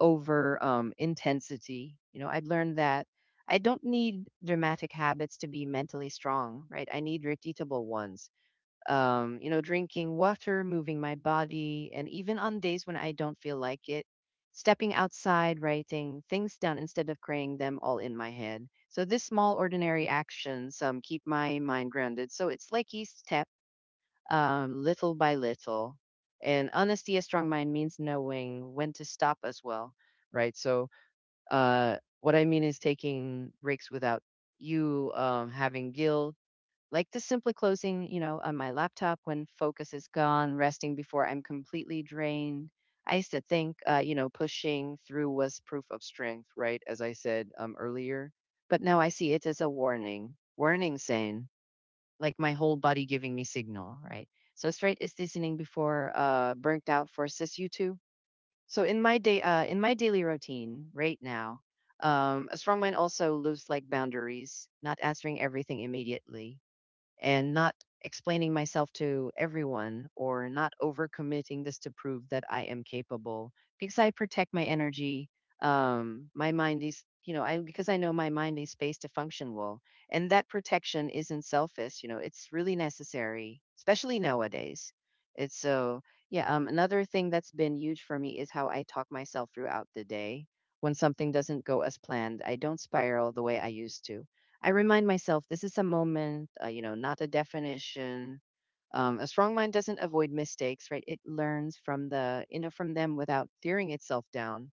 A: over um, intensity. You know, I've learned that I don't need dramatic habits to be mentally strong, right? I need repeatable ones. Um, you know, drinking water, moving my body, and even on days when I don't feel like it, stepping outside, writing things down instead of carrying them all in my head. So these small, ordinary actions um, keep my mind grounded. So it's like each step um, little by little. And honesty, a strong mind means knowing when to stop as well, right? So, uh, what I mean is taking breaks without you um, having guilt, like just simply closing, you know, on my laptop when focus is gone, resting before I'm completely drained. I used to think, uh, you know, pushing through was proof of strength, right? As I said um, earlier, but now I see it as a warning, warning saying, like my whole body giving me signal, right? So straight is listening before uh burnt out forces you to. So in my day uh in my daily routine right now, um a strong mind also looks like boundaries, not answering everything immediately and not explaining myself to everyone or not overcommitting this to prove that I am capable because I protect my energy. Um, my mind is, you know, I because I know my mind needs space to function well, and that protection isn't selfish. You know, it's really necessary, especially nowadays. It's so Yeah. Um, another thing that's been huge for me is how I talk myself throughout the day. When something doesn't go as planned, I don't spiral the way I used to I remind myself this is a moment, uh, you know, not a definition. Um, a strong mind doesn't avoid mistakes, right? It learns from the, you know, from them without tearing itself down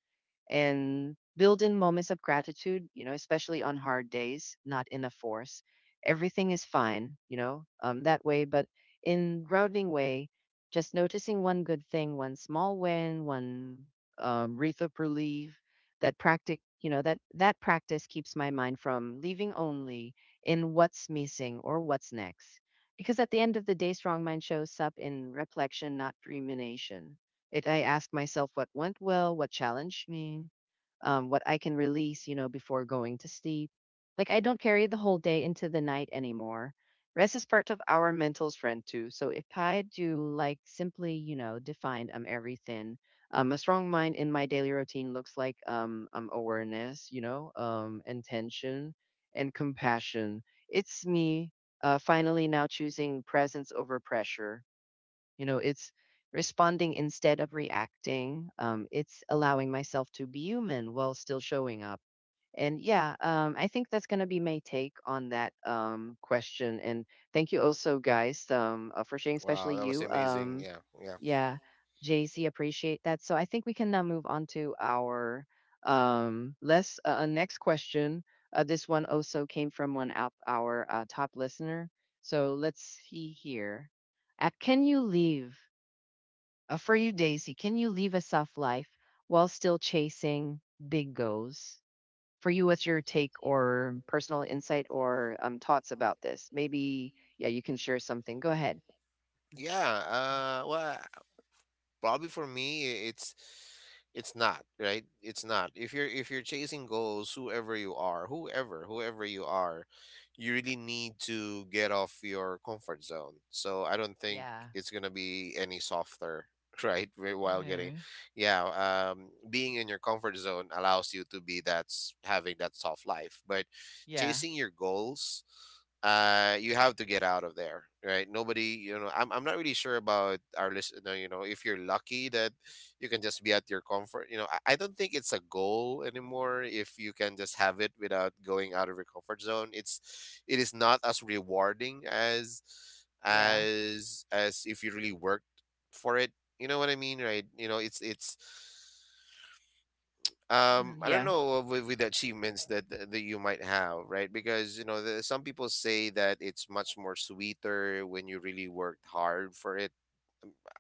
A: and build in moments of gratitude, you know, especially on hard days, not in a force. Everything is fine, you know, um, that way. But in grounding way, just noticing one good thing, one small win, one um, wreath of relief, that practice, you know, that that practice keeps my mind from leaving only in what's missing or what's next. Because at the end of the day, strong mind shows up in reflection, not rumination. It I ask myself what went well, what challenged me, um, what I can release, you know, before going to sleep. Like I don't carry the whole day into the night anymore. Rest is part of our mental strength too. So if I do like simply, you know, define um everything, um a strong mind in my daily routine looks like um um awareness, you know, um intention and compassion. It's me uh finally now choosing presence over pressure, you know, it's responding instead of reacting. Um, it's allowing myself to be human while still showing up. And yeah, um, I think that's going to be my take on that um, question. And thank you also, guys, um, uh, for sharing, especially
B: Wow, that was
A: you.
B: amazing.
A: Um,
B: Yeah. Yeah.
A: yeah, J C, appreciate that. So I think we can now move on to our um, less uh, uh, next question. Uh, this one also came from one of our uh, top listener. So let's see here. Uh, can you leave uh, For you, Daisy, can you live a soft life while still chasing big goals? For you, what's your take or personal insight or um, thoughts about this? Maybe, yeah, you can share something. Go ahead.
B: Yeah. Uh well, probably for me i- it's it's not, right? It's not, if you're, if you're chasing goals, whoever you are, whoever whoever you are, you really need to get off your comfort zone. So I don't think
A: Yeah.
B: it's going to be any softer right, whi- while getting,
A: Hmm.
B: yeah. um being in your comfort zone allows you to be, that's having that soft life. But
A: Yeah.
B: chasing your goals, uh you have to get out of there, right? Nobody, you know, i'm, I'm not really sure about our listener, you know, if you're lucky that you can just be at your comfort. You know, I, I don't think it's a goal anymore if you can just have it without going out of your comfort zone. It's, it is not as rewarding as
A: Yeah.
B: as as if you really worked for it, you know what I mean? Right. You know, it's it's
A: Hmm.
B: um I don't
A: Yeah.
B: know with, with the achievements that th- that you might have, right? Because, you know, the, some people say that it's much more sweeter when you really worked hard for it.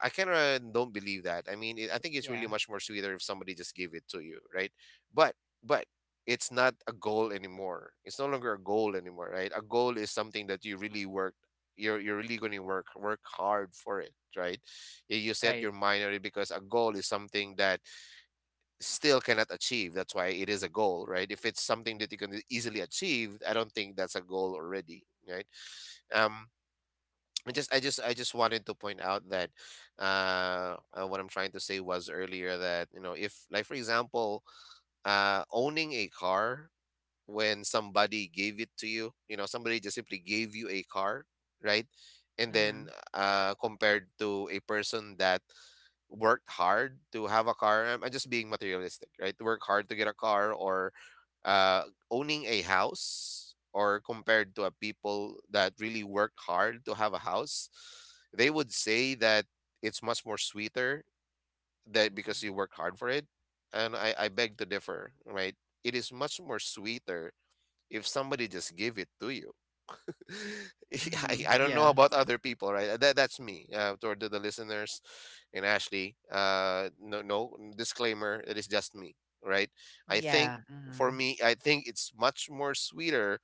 B: I kind of don't believe that. I mean, it, I think it's
A: Yeah.
B: really much more sweeter if somebody just gave it to you, right? But but it's not a goal anymore. It's no longer a goal anymore, right? A goal is something that you really worked, you're, you're really going to work work hard for it, right? you you set
A: Right.
B: your mind on it because a goal is something that still cannot achieve. That's why it is a goal, right? If it's something that you can easily achieve, I don't think that's a goal already, right? Um, I just, I just, I just wanted to point out that uh, uh, what I'm trying to say was earlier that, you know, if, like for example, uh, owning a car, when somebody gave it to you, you know, somebody just simply gave you a car, right? And
A: Mm-hmm.
B: then uh compared to a person that worked hard to have a car, i'm I'm just being materialistic, right? To work hard to get a car, or uh owning a house, or compared to a people that really worked hard to have a house, they would say that it's much more sweeter that because you worked
A: Mm-hmm.
B: hard for it. And i I beg to differ, right? It is much more sweeter if somebody just give it to you. I,
A: Hmm.
B: I don't know
A: Yeah.
B: about other people, right? Uh, That, that's me, uh, toward the, the listeners and Ashley. Uh, no, no disclaimer. It is just me, right? I think,
A: Yeah.
B: for
A: Hmm.
B: me, I think it's much more sweeter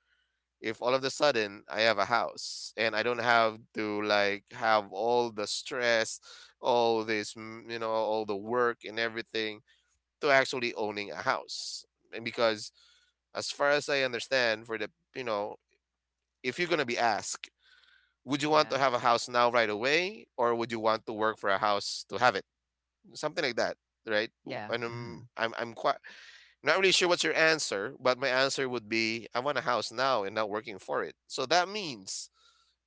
B: if all of a sudden I have a house and I don't have to like have all the stress, all this, mm, you know, all the work and everything to actually owning a house. And because, as far as I understand, for the, you know, if you're going to be asked, would you want to have a house now right away, or would you want to work for a house to have it? Something like that, right?
A: Yeah,
B: And um,
A: mhm,
B: I'm I'm quite not really sure what's your answer, but my answer would be I want a house now and not working for it. So that means,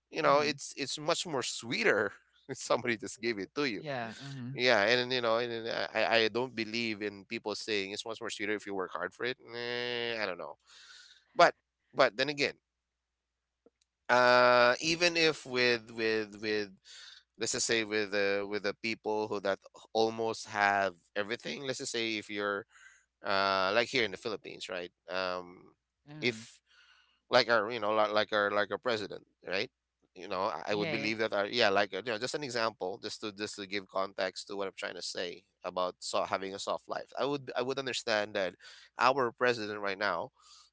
B: you know,
A: mhm,
B: it's it's much more sweeter if somebody just gave it to you.
A: yeah, mhm,
B: Yeah, and you know, and, and uh, I I don't believe in people saying it's much more sweeter if you work hard for it. Eh, I don't know, but but then again, uh, even if with with with, let's just say with uh, with the people who that almost have everything, let's just say if you're uh like here in the Philippines, right? Um
A: mhm,
B: if like our you know li- like our like our president, right? You know, i I would
A: right,
B: believe that our, yeah, like, uh, you know, just an example, just to just to give context to what I'm trying to say about, so having a soft life, i would I would understand that our president right now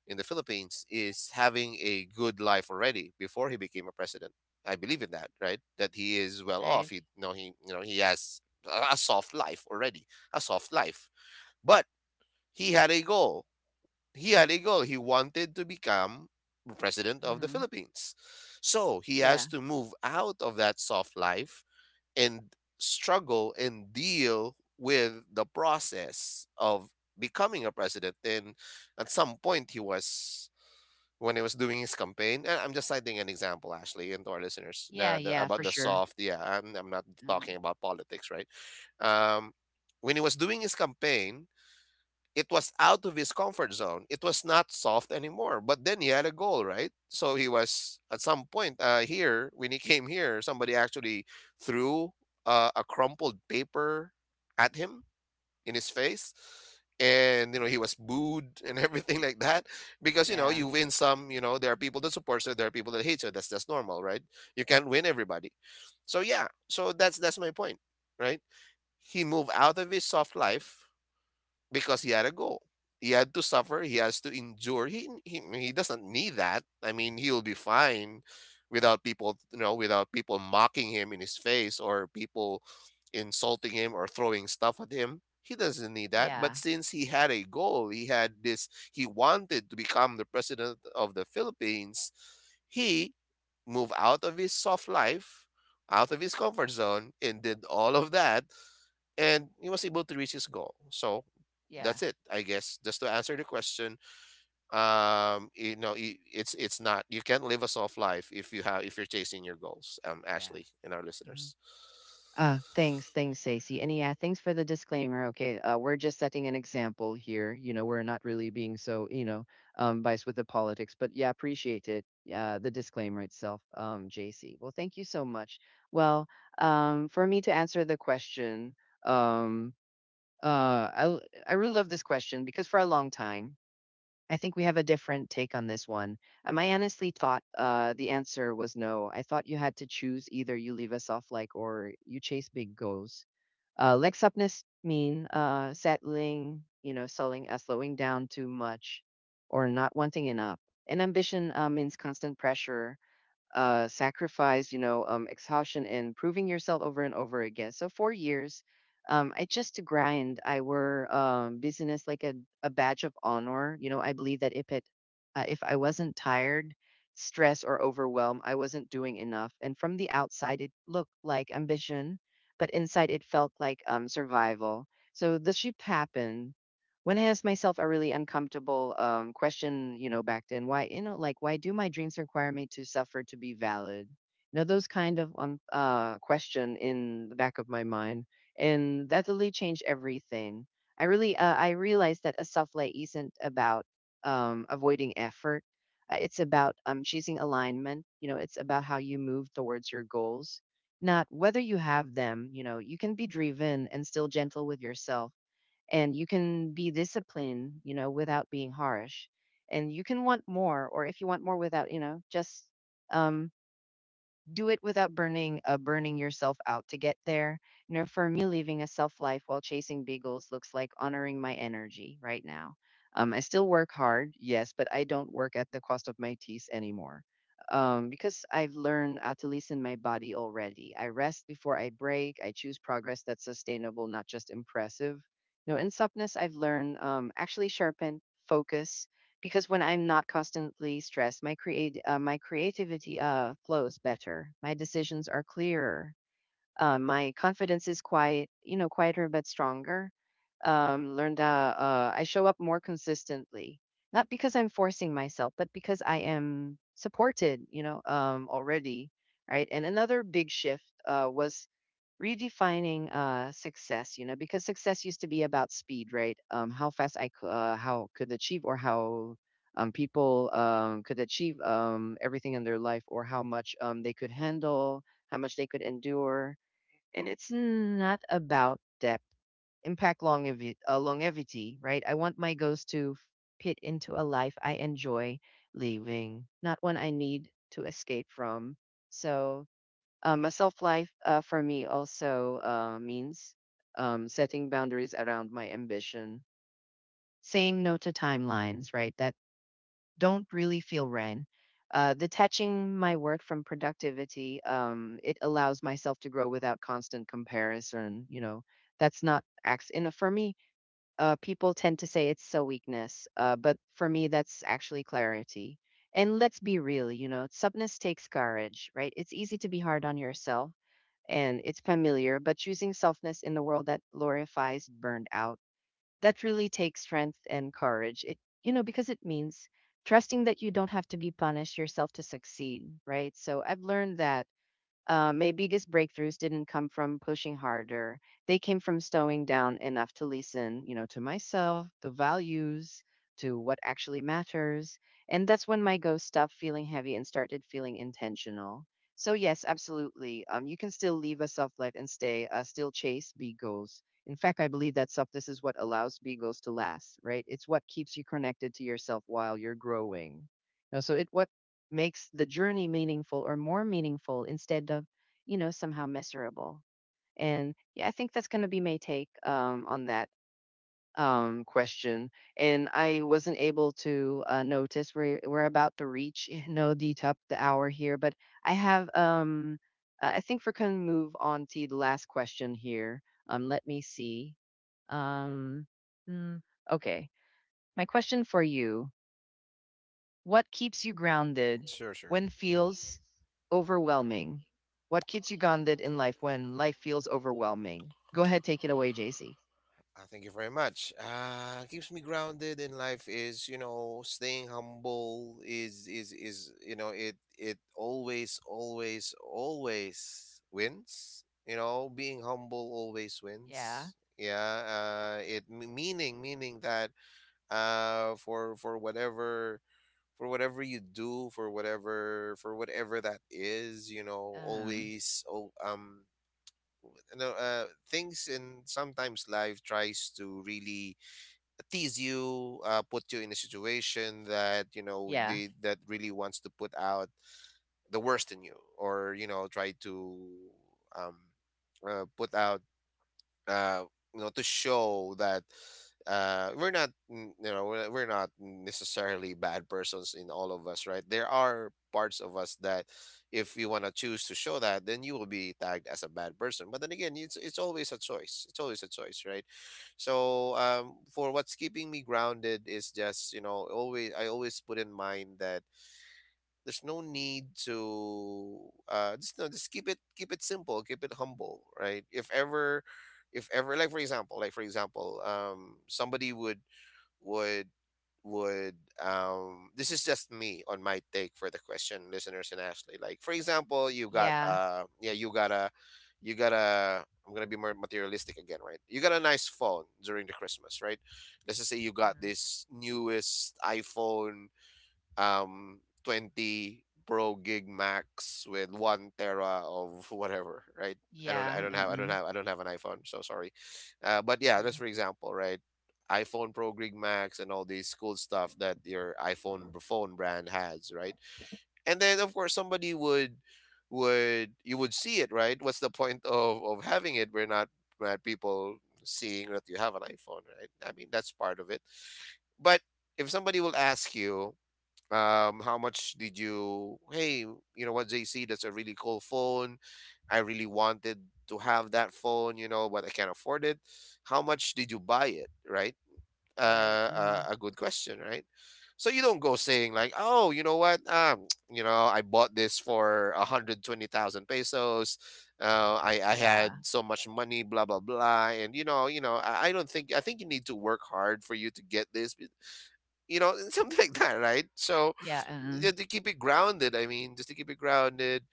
B: in the Philippines is having a good life already before he became a president. I believe in that, right? That he is well
A: right,
B: off, he you know he, you know, he has a a soft life already, a soft life. But he had a goal. He had a goal. He wanted to become president of the
A: mhm,
B: Philippines. So he has
A: yeah,
B: to move out of that soft life and struggle and deal with the process of becoming a president. And at some point, he was, when he was doing his campaign. And I'm just citing an example, Ashley, and to our listeners,
A: yeah,
B: the, the,
A: yeah,
B: about
A: for
B: the
A: sure,
B: soft. Yeah, I'm, I'm not talking
A: mm,
B: about politics, right? Um, when he was doing his campaign, it was out of his comfort zone. It was not soft anymore. But then he had a goal, right? So he was at some point, uh, here when he came here, somebody actually threw uh, a crumpled paper at him in his face, and you know he was booed and everything like that, because you know,
A: yeah,
B: you win some. You know, there are people that support you, there are people that hate you. That's just normal, right? You can't win everybody. So yeah, so that's that's my point, right? He moved out of his soft life because he had a goal. He had to suffer. He has to endure. He he he doesn't need that. I mean, he'll be fine without people, you know, without people mocking him in his face or people insulting him or throwing stuff at him. He doesn't need that. But
A: yeah,
B: since he had a goal, he had this. He wanted to become the president of the Philippines. He moved out of his soft life, out of his comfort zone, and did all of that, and he was able to reach his goal. So
A: yeah,
B: that's it, I guess. Just to answer the question, um, you know, i- it's, it's not, you can't live a soft life if you have, if you're chasing your goals. Um,
A: yeah,
B: Ashley and our
A: mhm.
B: listeners.
A: Uh, thanks, thanks, Stacey. And yeah, thanks for the disclaimer. Okay, uh, we're just setting an example here. You know, we're not really being so, you know, um, biased with the politics, but yeah, appreciate it. Yeah, the disclaimer itself, um, J C. Well, thank you so much. Well, um, for me to answer the question, um, Uh, I l- I really love this question because for a long time, I think we have a different take on this one. Um, I honestly thought uh, the answer was no. I thought you had to choose either you leave us off like or you chase big goals. Uh, legs upness mean uh, settling, you know, selling, uh, slowing down too much, or not wanting enough. And ambition uh, means constant pressure, uh, sacrifice, you know, um, exhaustion and proving yourself over and over again. So four years, um, I just to grind. I were um, business like a, a badge of honor. You know, I believe that if it, uh, if I wasn't tired, stressed or overwhelmed, I wasn't doing enough. And from the outside, it looked like ambition, but inside it felt like um, survival. So the shift happened when I asked myself a really uncomfortable um, question, you know, back then, why, you know, like, why do my dreams require me to suffer to be valid? You know, those kind of um, uh, question in the back of my mind, and that really changed everything. I really, uh, I realized that a self-lay isn't about um, avoiding effort. Uh, It's about um, choosing alignment. You know, it's about how you move towards your goals, not whether you have them. You know, you can be driven and still gentle with yourself, and you can be disciplined, you know without being harsh, and you can want more, or if you want more without you know just um do it without burning uh, burning yourself out to get there. You know, for me, living a self life while chasing beagles looks like honoring my energy right now. Um, I still work hard, yes, but I don't work at the cost of my teeth anymore. Um, because I've learned how to listen my body already. I rest before I break. I choose progress that's sustainable, not just impressive. You know, in softness, I've learned um, actually sharpen focus because when I'm not constantly stressed, my create uh, my creativity uh, flows better. My decisions are clearer. Uh, my confidence is quiet, you know, quieter but stronger. Um, learned uh, uh, I show up more consistently, not because I'm forcing myself, but because I am supported, you know, um, already. Right. And another big shift uh, was redefining uh success, you know, because success used to be about speed, right? Um how fast I could, uh, how could achieve, or how um people um could achieve um everything in their life, or how much um they could handle, how much they could endure. And it's not about depth, impact, longevi- uh, longevity, right? I want my goals to f- fit into a life I enjoy living, not one I need to escape from. So um, a self life, uh, for me also, uh, means um, setting boundaries around my ambition, saying no to timelines, right? That don't really feel ran. Uh, detaching my work from productivity, um, it allows myself to grow without constant comparison. You know, that's not acts. And for me, uh, people tend to say it's a weakness, uh, but for me, that's actually clarity. And let's be real, you know, toughness takes courage, right? It's easy to be hard on yourself, and it's familiar, but choosing softness in the world that glorifies burnout, that really takes strength and courage. It, you know, because it means trusting that you don't have to be punished yourself to succeed, right? So I've learned that uh, my biggest breakthroughs didn't come from pushing harder. They came from slowing down enough to listen, you know, to myself, the values, to what actually matters. And that's when my ghost stopped feeling heavy and started feeling intentional. So yes, absolutely. Um, you can still live a soft life and stay, uh, still chase big goals. In fact, I believe that softness is what allows big goals to last, right? It's what keeps you connected to yourself while you're growing. Now, so it what makes the journey meaningful or more meaningful instead of, you know, somehow miserable. And yeah, I think that's going to be my take um, on that um, question. And I wasn't able to uh, notice we're we're about to reach, you know, the top the hour here, but I have um, I I think we can move on to the last question here. Um, let me see. Um, mm, okay, my question for you. What keeps you grounded
B: Sure, sure.
A: when
B: Mhm.
A: feels overwhelming? What keeps you grounded in life when life feels overwhelming? Go ahead, take it away, J C.
B: Uh, thank you very much. Uh, keeps me grounded in life is, you know, staying humble is is is you know, it it always always always wins. You know, being humble always
A: Yeah.
B: wins. Yeah. Uh, it m- meaning meaning that uh for, for whatever for whatever you do, for whatever for whatever that is, you know,
A: Um.
B: always, oh, um you know, uh, things, and sometimes life tries to really tease you, uh, put you in a situation that, you know,
A: Yeah.
B: they, that really wants to put out the worst in you, or, you know, try to um, uh, put out uh you know, to show that uh we're not, mm, you know, we're, we're not necessarily bad persons. In all of us, right, there are parts of us that if you want to choose to show that, then you will be tagged as a bad person. But then again, it's it's always a choice. It's always a choice, right? So um for what's keeping me grounded is just, you know, always I always put in mind that there's no need to uh just, no just keep it, keep it simple, keep it humble, right? If ever, if ever like for example, like for example um somebody would would would um this is just me on my take for the question, listeners and Ashley. Like for example, you got,
A: Yeah.
B: uh yeah you got a, you got a, I'm gonna be more materialistic again, right? You got a nice phone during the Christmas, right? Let's just say you got
A: Um,
B: this newest iPhone um twenty Pro gig max with one tera of whatever, right? I don't I
A: yeah.
B: don't have, I don't
A: Mm.
B: have I don't have an iPhone, so sorry. Uh, but yeah, just
A: Mm.
B: for example, right? iPhone Pro gig max and all these cool stuff that your iPhone phone brand has, right? And then of course somebody would, would you would see it, right? What's the point of of having it? We're not not people seeing that you have an iPhone, right? I mean, that's part of it. But if somebody will ask you, um how much did you, hey, you know what, JC, that's a really cool phone. I really wanted to have that phone, you know, but I can't afford it. How much did you buy it, right? Uh,
A: You're right.
B: uh
A: Mm.
B: a good question, right? So you don't go saying like, oh, you know what, um you know, I bought this for one hundred twenty thousand pesos, uh i I
A: Yeah.
B: had so much money, blah blah blah, and you know, you know, I, I don't think, I think you need to work hard for you to get this, you know, something like that, right? So
A: Yeah. Mm.
B: just to keep it grounded, I mean, just to keep it grounded,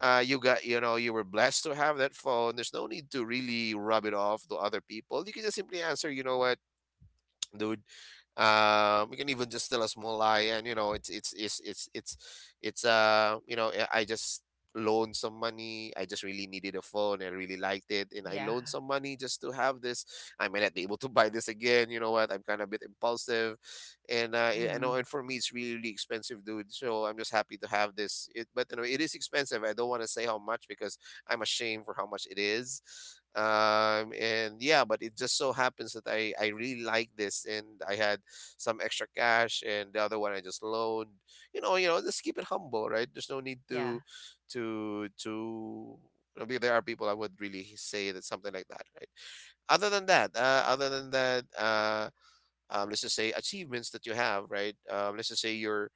B: uh, you got, you know, you were blessed to have that phone. There's no need to really rub it off to other people. You can just simply answer, you know what, dude. Uh, we can even just tell a small lie, and you know, it's it's it's it's it's it's uh, you know, I I just loaned some money. I just really needed a phone. I really liked it, and I
A: Yeah.
B: loaned some money just to have this. I may not be able to buy this again. You know what, I'm kind of a bit impulsive, and uh, I I know,
A: Mm.
B: and for me, it's really really expensive, dude. So I'm just happy to have this. It, but you know, it is expensive. I don't want to say how much because I'm ashamed for how much it is. Um, and yeah, but it just so happens that I, I really like this, and I had some extra cash, and the other one I just loaned. You know, you know, just keep it humble, right? There's no need
A: Yeah.
B: to to to you know, be- there are people I would really say that something like that, right? Other than that, uh, other than that, uh, um, let's just say achievements that you have, right? Um, let's just say your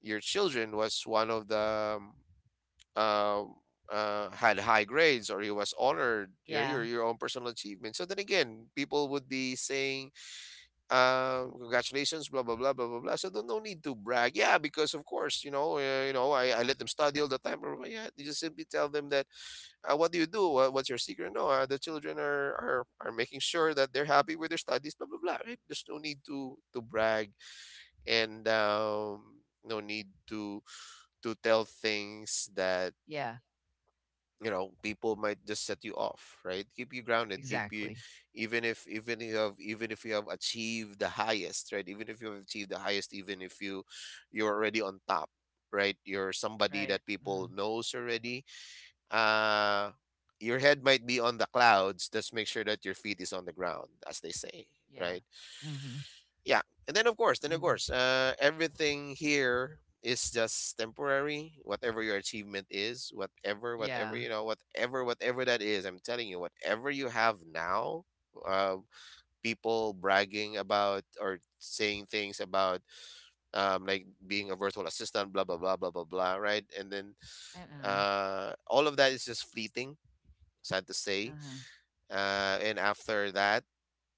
B: your children was one of the um, uh, uh, had high grades or he was honored, your, your
A: Yeah.
B: your own personal achievement. So then again people would be saying, uh, congratulations, blah blah blah blah blah blah. So there's no need to brag, yeah, because of course, you know, uh, you know I, I let them study all the time, blah, blah, blah. Yeah, you just simply tell them that. Uh, what do you do? What- what's your secret? No, uh, the children are, are are making sure that they're happy with their studies, blah blah blah, right? There's no need to to brag and, um, no need to to tell things that,
A: Yeah.
B: you know, people might just set you off, right? Keep you grounded, keep you,
A: Exactly.
B: even if even you have even if you have achieved the highest, right? even if you have achieved the highest Even if you, you're already on top, right? You're somebody
A: Right.
B: that people
A: Mm.
B: knows already. uh your head might be on the clouds. Just make sure that your feet is on the ground, as they say,
A: Yeah.
B: right?
A: Mm-hmm.
B: Yeah. And then of course, then of
A: Hmm.
B: course uh, everything here is just temporary. Whatever your achievement is, whatever whatever
A: Yeah.
B: you know whatever whatever that is I'm telling you whatever you have now uh, people bragging about or saying things about, um, like being a virtual assistant, blah blah blah blah blah blah, right? And then
A: Uh-uh.
B: uh, all of that is just fleeting, sad to say.
A: Uh-huh.
B: Uh, and after that,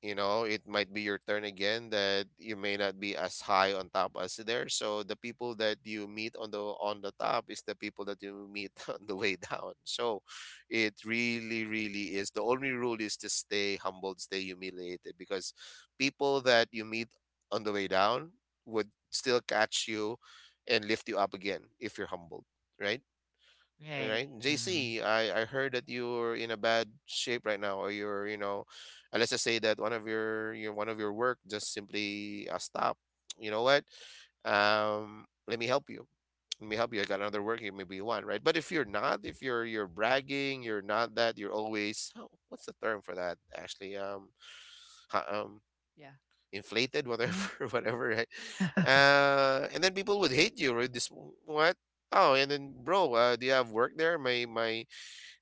B: you know, it might be your turn again, that you may not be as high on top as there. So the people that you meet on the on the top is the people that you meet on the way down. So it really really is, the only rule is to stay humbled, stay humiliated, because people that you meet on the way down would still catch you and lift you up again if you're humbled, right? All
A: Right.
B: right,
A: Mm.
B: J C, I I heard that you're in a bad shape right now, or you're, you know, uh, let's just say that one of your your one of your work just simply uh, stopped. You know what? Um, let me help you. Let me help you. I got another work here. Maybe you want, right? But if you're not, if you're, you're bragging, you're not that. You're always, oh, what's the term for that? Actually, um, ha- um,
A: Yeah.
B: inflated,
A: Uh-huh.
B: whatever, whatever, right? Uh, and then people would hate you, right? This what? Oh, and then bro, uh, do you have work there? My my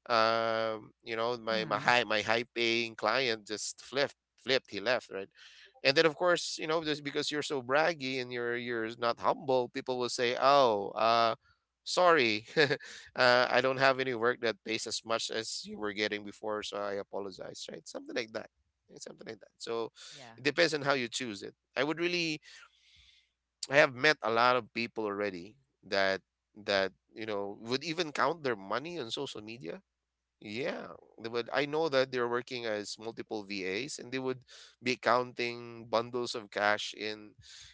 B: um you know my my
A: Mm,
B: high my high paying client just flipped flipped, he left, right? And then of course, you know, just because you're so braggy and you're, you're not humble, people will say, oh, uh sorry uh, I don't have any work that pays as much as you were getting before, so I apologize, right? Something like that. Yeah, something like that. So
A: yeah.
B: it depends on how you choose it. I would really, I have met a lot of people already that that you know would even count their money on social media. Yeah, they would. I know that they're working as multiple V As, and they would be counting bundles of cash in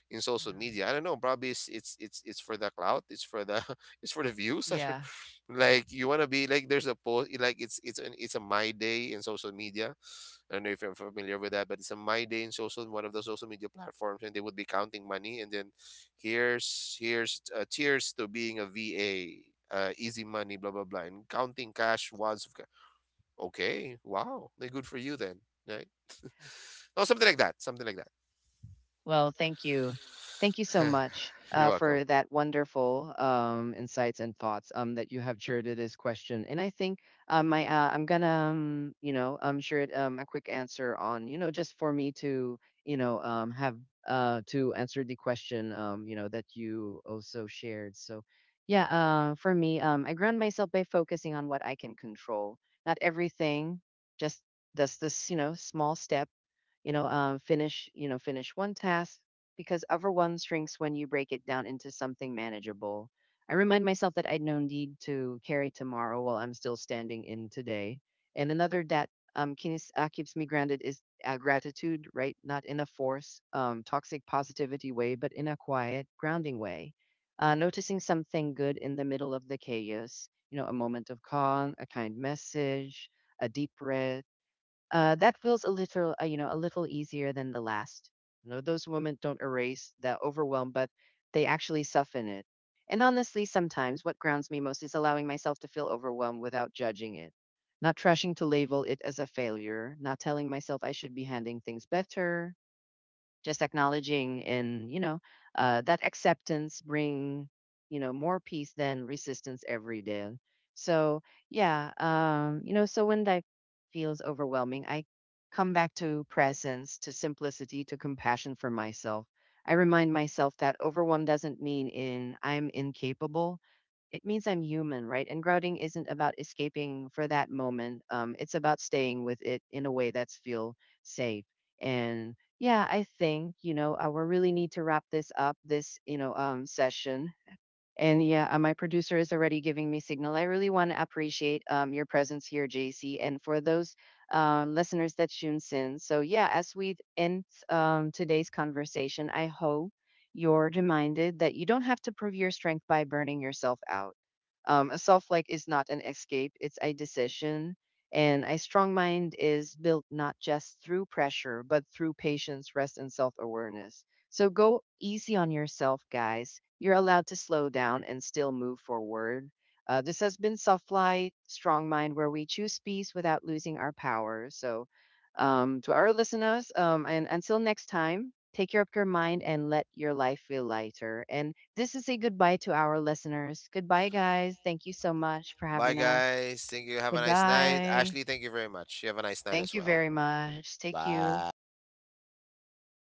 B: in social
A: Mm,
B: media. I don't know. Probably it's it's it's, it's for the clout. It's for the it's for the views. I don't,
A: yeah.
B: like, you want to be like, there's a post like, it's it's an it's a my day in social media. I don't know if you're familiar with that, but it's a my day in social, one of the social media platforms, and they would be counting money. And then here's here's uh, cheers to being a V A. Uh, easy money, blah blah blah, and counting cash wads of, okay, wow, then good for you then. Right? No, something like that. Something like
A: Well, thank you. Thank you so
B: that.
A: much
B: You're
A: uh,
B: welcome.
A: for that wonderful um, insights and thoughts um, that you have shared to this question. And I think um, my, uh, I'm gonna, um, you know, um, share it, um, a quick answer on, you know, just for me to, you know, um, have uh, to answer the question, um, you know, that you also shared. So, yeah, uh, for me, um, I ground myself by focusing on what I can control. Not everything, just that's this, you know, small step, you know um, finish, you know finish one task, because other one shrinks when you break it down into something manageable. I remind myself that I no need to carry tomorrow while I'm still standing in today. And another that um, keeps, uh, keeps me grounded is uh, gratitude, right? Not in a force um, toxic positivity way, but in a quiet grounding way. Uh, noticing something good in the middle of the chaos, you know, a moment of calm, a kind message, a deep breath, uh, that feels a little, uh, you know, a little easier than the last. You know, those women don't erase the overwhelm, but they actually soften it. And honestly, sometimes what grounds me most is allowing myself to feel overwhelmed without judging it, not rushing to label it as a failure, not telling myself I should be handling things better, just acknowledging, and you know uh, that acceptance bring, you know, more peace than resistance every day. So yeah, um you know, so when that feels overwhelming, I come back to presence, to simplicity, to compassion for myself. I remind myself that overwhelm doesn't mean in I'm incapable, it means I'm human, right? And grounding isn't about escaping for that moment. Um, it's about staying with it in a way that's feel safe. And yeah, I think, you know, uh, we really need to wrap this up, this, you know, um, session. And yeah, uh, my producer is already giving me signal. I really want to appreciate um, your presence here, J C, and for those um, listeners that tunes in. So yeah, as we end um, today's conversation, I hope you're reminded that you don't have to prove your strength by burning yourself out. Um, a self like is not an escape; it's a decision. And a strong mind is built not just through pressure, but through patience, rest, and self awareness. So go easy on yourself, guys. You're allowed to slow down and still move forward. Uh, this has been Soft Light, Strong Mind, where we choose peace without losing our power. So, um, to our listeners, um, and until next time, take care of your mind and let your life feel lighter. And this is a goodbye to our listeners. Goodbye, guys. Thank you so much for
B: Bye,
A: having us.
B: guys. Thank you. Have a nice night.
A: Goodbye.
B: Ashley, thank you very much. You have a nice night
A: Thank
B: as
A: you
B: well.
A: very much. Take you.
B: Bye.